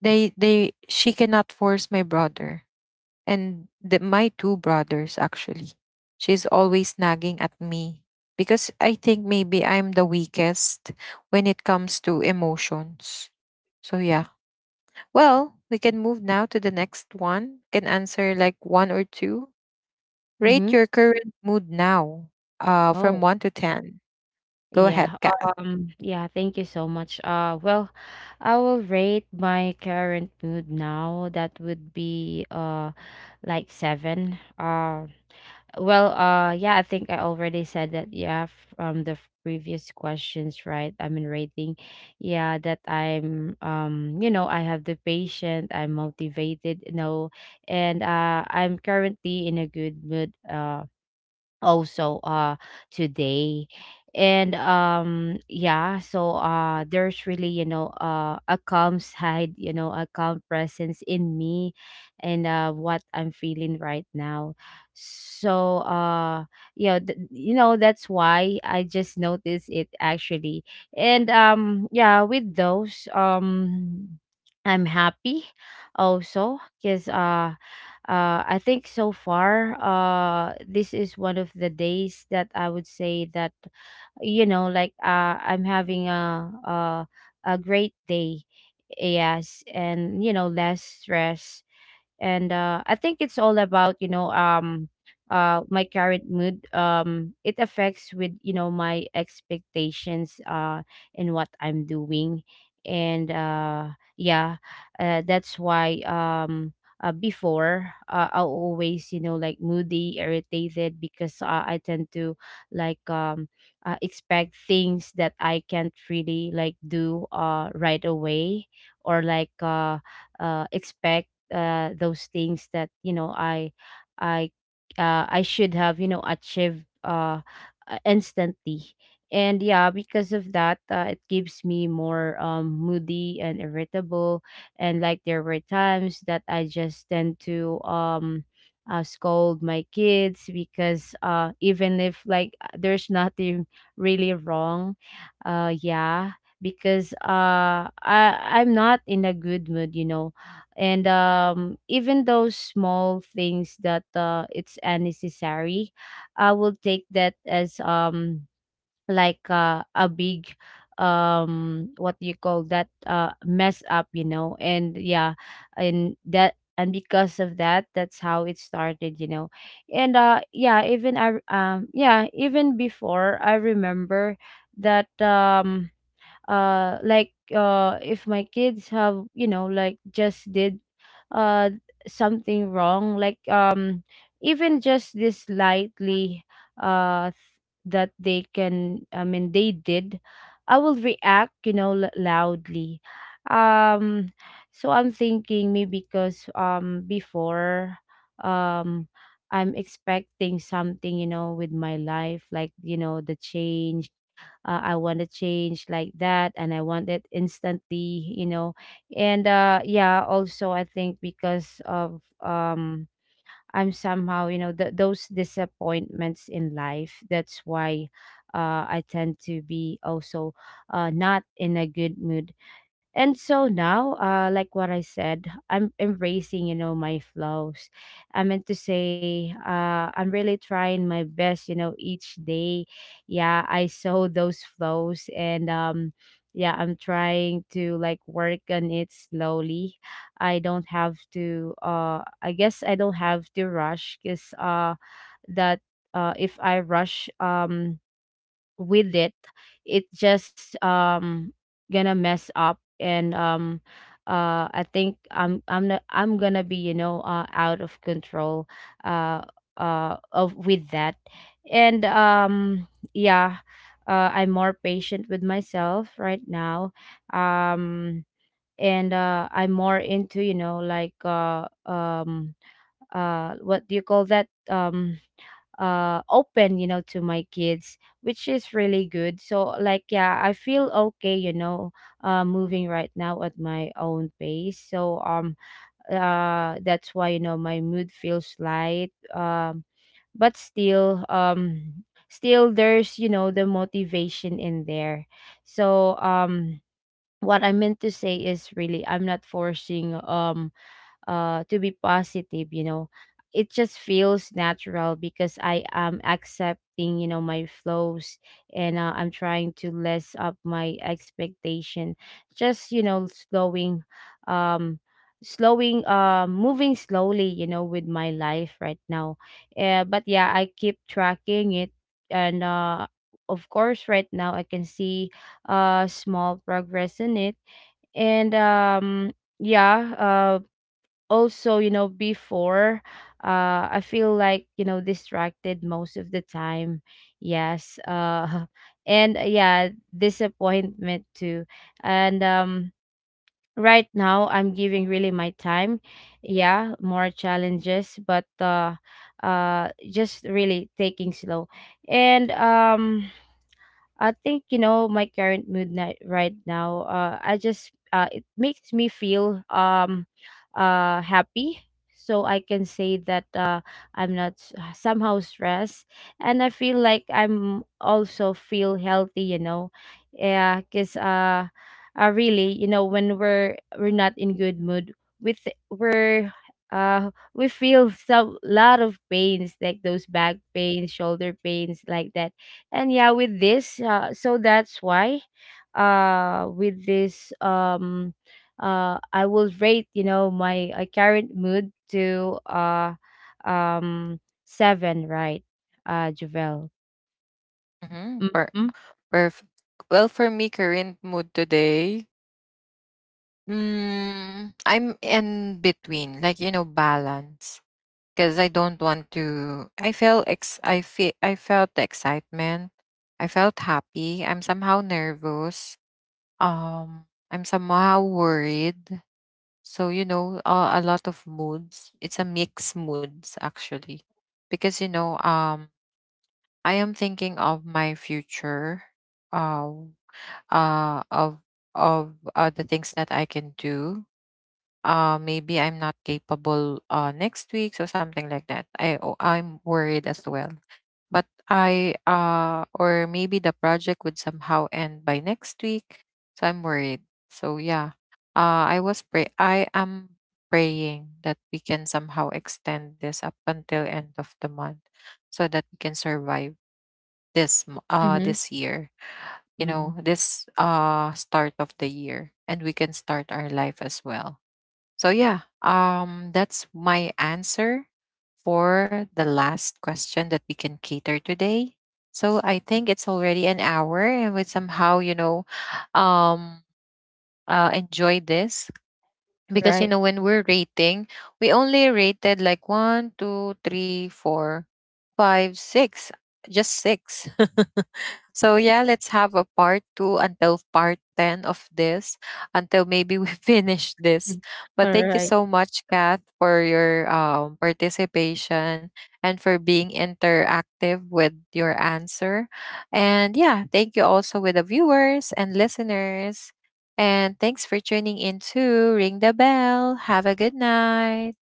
Speaker 1: They they she cannot force my brother, and the, my two brothers, actually. She's always nagging at me because I think maybe I'm the weakest when it comes to emotions. So yeah. Well, we can move now to the next one. Can answer like one or two. Rate
Speaker 2: Mhm.
Speaker 1: your current mood now, uh, from
Speaker 2: Oh,
Speaker 1: one to ten. Go ahead,
Speaker 2: yeah.
Speaker 1: Kath.
Speaker 2: Um, yeah, thank you so much. Uh, well, I will rate my current mood now. That would be, uh like seven. Uh, Well, uh, yeah, I think I already said that. Yeah, from the f- previous questions, right? I mean, rating. Yeah, that I'm, um, you know, I have the patient. I'm motivated, you know, and, uh, I'm currently in a good mood. Uh, also, uh today. And um yeah, so, uh there's really, you know, uh a calm side, you know, a calm presence in me, and uh what I'm feeling right now. So, uh yeah, th- you know, that's why I just noticed it actually. And um yeah, with those, um I'm happy also, because uh uh, I think so far, uh, this is one of the days that I would say that, you know, like, uh, I'm having a, a a great day, yes, and you know, less stress. And uh, I think it's all about, you know, um uh my current mood, um it affects with, you know, my expectations, uh in what I'm doing. And uh yeah, uh, that's why, um uh, before, uh, I always, you know, like moody, irritated, because, uh, I tend to like, um uh, expect things that I can't really like do uh right away, or like uh uh expect, uh, those things that, you know, I I uh, I should have, you know, achieved, uh, uh, instantly. And yeah, because of that, uh, it gives me more, um, moody and irritable. And like there were times that I just tend to, um, uh, scold my kids because, uh, even if like, uh, there's nothing really wrong, uh, yeah, because, uh, I I'm not in a good mood, you know. And um even those small things that, uh it's unnecessary, I will take that as, um like, uh, a big, um what do you call that, uh mess up, you know. And yeah, and that, and because of that, that's how it started, you know. And uh yeah, even i um yeah, even before I remember that, um uh like, uh if my kids have, you know, like just did uh something wrong, like, um even just this lightly, uh th- that they can, I mean they did, I will react, you know, l- loudly. um so I'm thinking maybe because, um before, um I'm expecting something, you know, with my life, like, you know, the change. uh, I want to change like that and I want it instantly, you know. And uh yeah, also I think because of, um I'm somehow, you know, th- those disappointments in life. That's why, uh, I tend to be also, uh, not in a good mood. And so now, uh, like what I said, I'm embracing, you know, my flaws. I meant to say, uh, I'm really trying my best, you know, each day. Yeah, I saw those flaws, and, um, yeah, I'm trying to like work on it slowly. I don't have to, uh I guess I don't have to rush, because, uh that uh if I rush um with it, it just, um gonna mess up. And, um uh I think, I'm I'm not, I'm gonna be, you know, uh out of control, uh uh of with that. And um yeah, uh, I'm more patient with myself right now. um and uh I'm more into, you know, like, uh um uh what do you call that, um uh open, you know, to my kids, which is really good. So like yeah, I feel okay, you know, uh moving right now at my own pace. So, um uh that's why, you know, my mood feels light. Um but still, um still there's, you know, the motivation in there. So, um what I meant to say is really I'm not forcing, um uh to be positive, you know. It just feels natural because I am accepting, you know, my flows. And, uh, I'm trying to less up my expectation. Just, you know, slowing um slowing uh moving slowly, you know, with my life right now, uh, but yeah, I keep tracking it. And uh of course right now I can see uh small progress in it. And um yeah, uh also, you know, before uh I feel like, you know, distracted most of the time, yes. Uh and, uh, yeah, disappointment too. And um right now I'm giving really my time, yeah, more challenges, but uh uh just really taking slow. And um I think, you know, my current mood, ni- right now. Uh, I just, uh, it makes me feel, um, uh, happy, so I can say that, uh, I'm not s- uh, somehow stressed, and I feel like I'm also feel healthy. You know, yeah, cause, uh, uh, really, you know, when we're we're not in good mood, with we're uh we feel some lot of pains, like those back pains, shoulder pains, like that. And yeah, with this, uh, so that's why uh with this, um uh I will rate, you know, my, uh, current mood to, uh um seven, right? uh Javel.
Speaker 1: Mm-hmm.
Speaker 2: Mm-hmm.
Speaker 1: Perfect. Well, for me, current mood today, mm, I'm in between, like, you know, balance, because I don't want to. I feel ex. I feel. I felt the excitement. I felt happy. I'm somehow nervous. Um, I'm somehow worried. So, you know, a, a lot of moods. It's a mix moods, actually, because, you know, um, I am thinking of my future. Uh, uh, of of uh, the things that I can do uh maybe I'm not capable uh next week, so something like that. I o- I'm worried as well. But I, uh or maybe the project would somehow end by next week, so I'm worried. So yeah. Uh I was pray I am praying that we can somehow extend this up until end of the month, so that we can survive this m- uh
Speaker 2: Mm-hmm.
Speaker 1: this year, you know, this uh start of the year, and we can start our life as well. So yeah, um, that's my answer for the last question that we can cater today. So I think it's already an hour, and we somehow, you know, um, uh, enjoy this, because you
Speaker 2: Right.
Speaker 1: know, when we're rating, we only rated like one, two, three, four, five, six, just six. So yeah, let's have a part two until part ten of this, until maybe we finish this.
Speaker 2: All
Speaker 1: But thank you
Speaker 2: right.
Speaker 1: so much, Kath, for your um, participation, and for being interactive with your answer. And yeah, thank you also, with the viewers and listeners. And thanks for tuning in to Ring the Bell. Have a good night.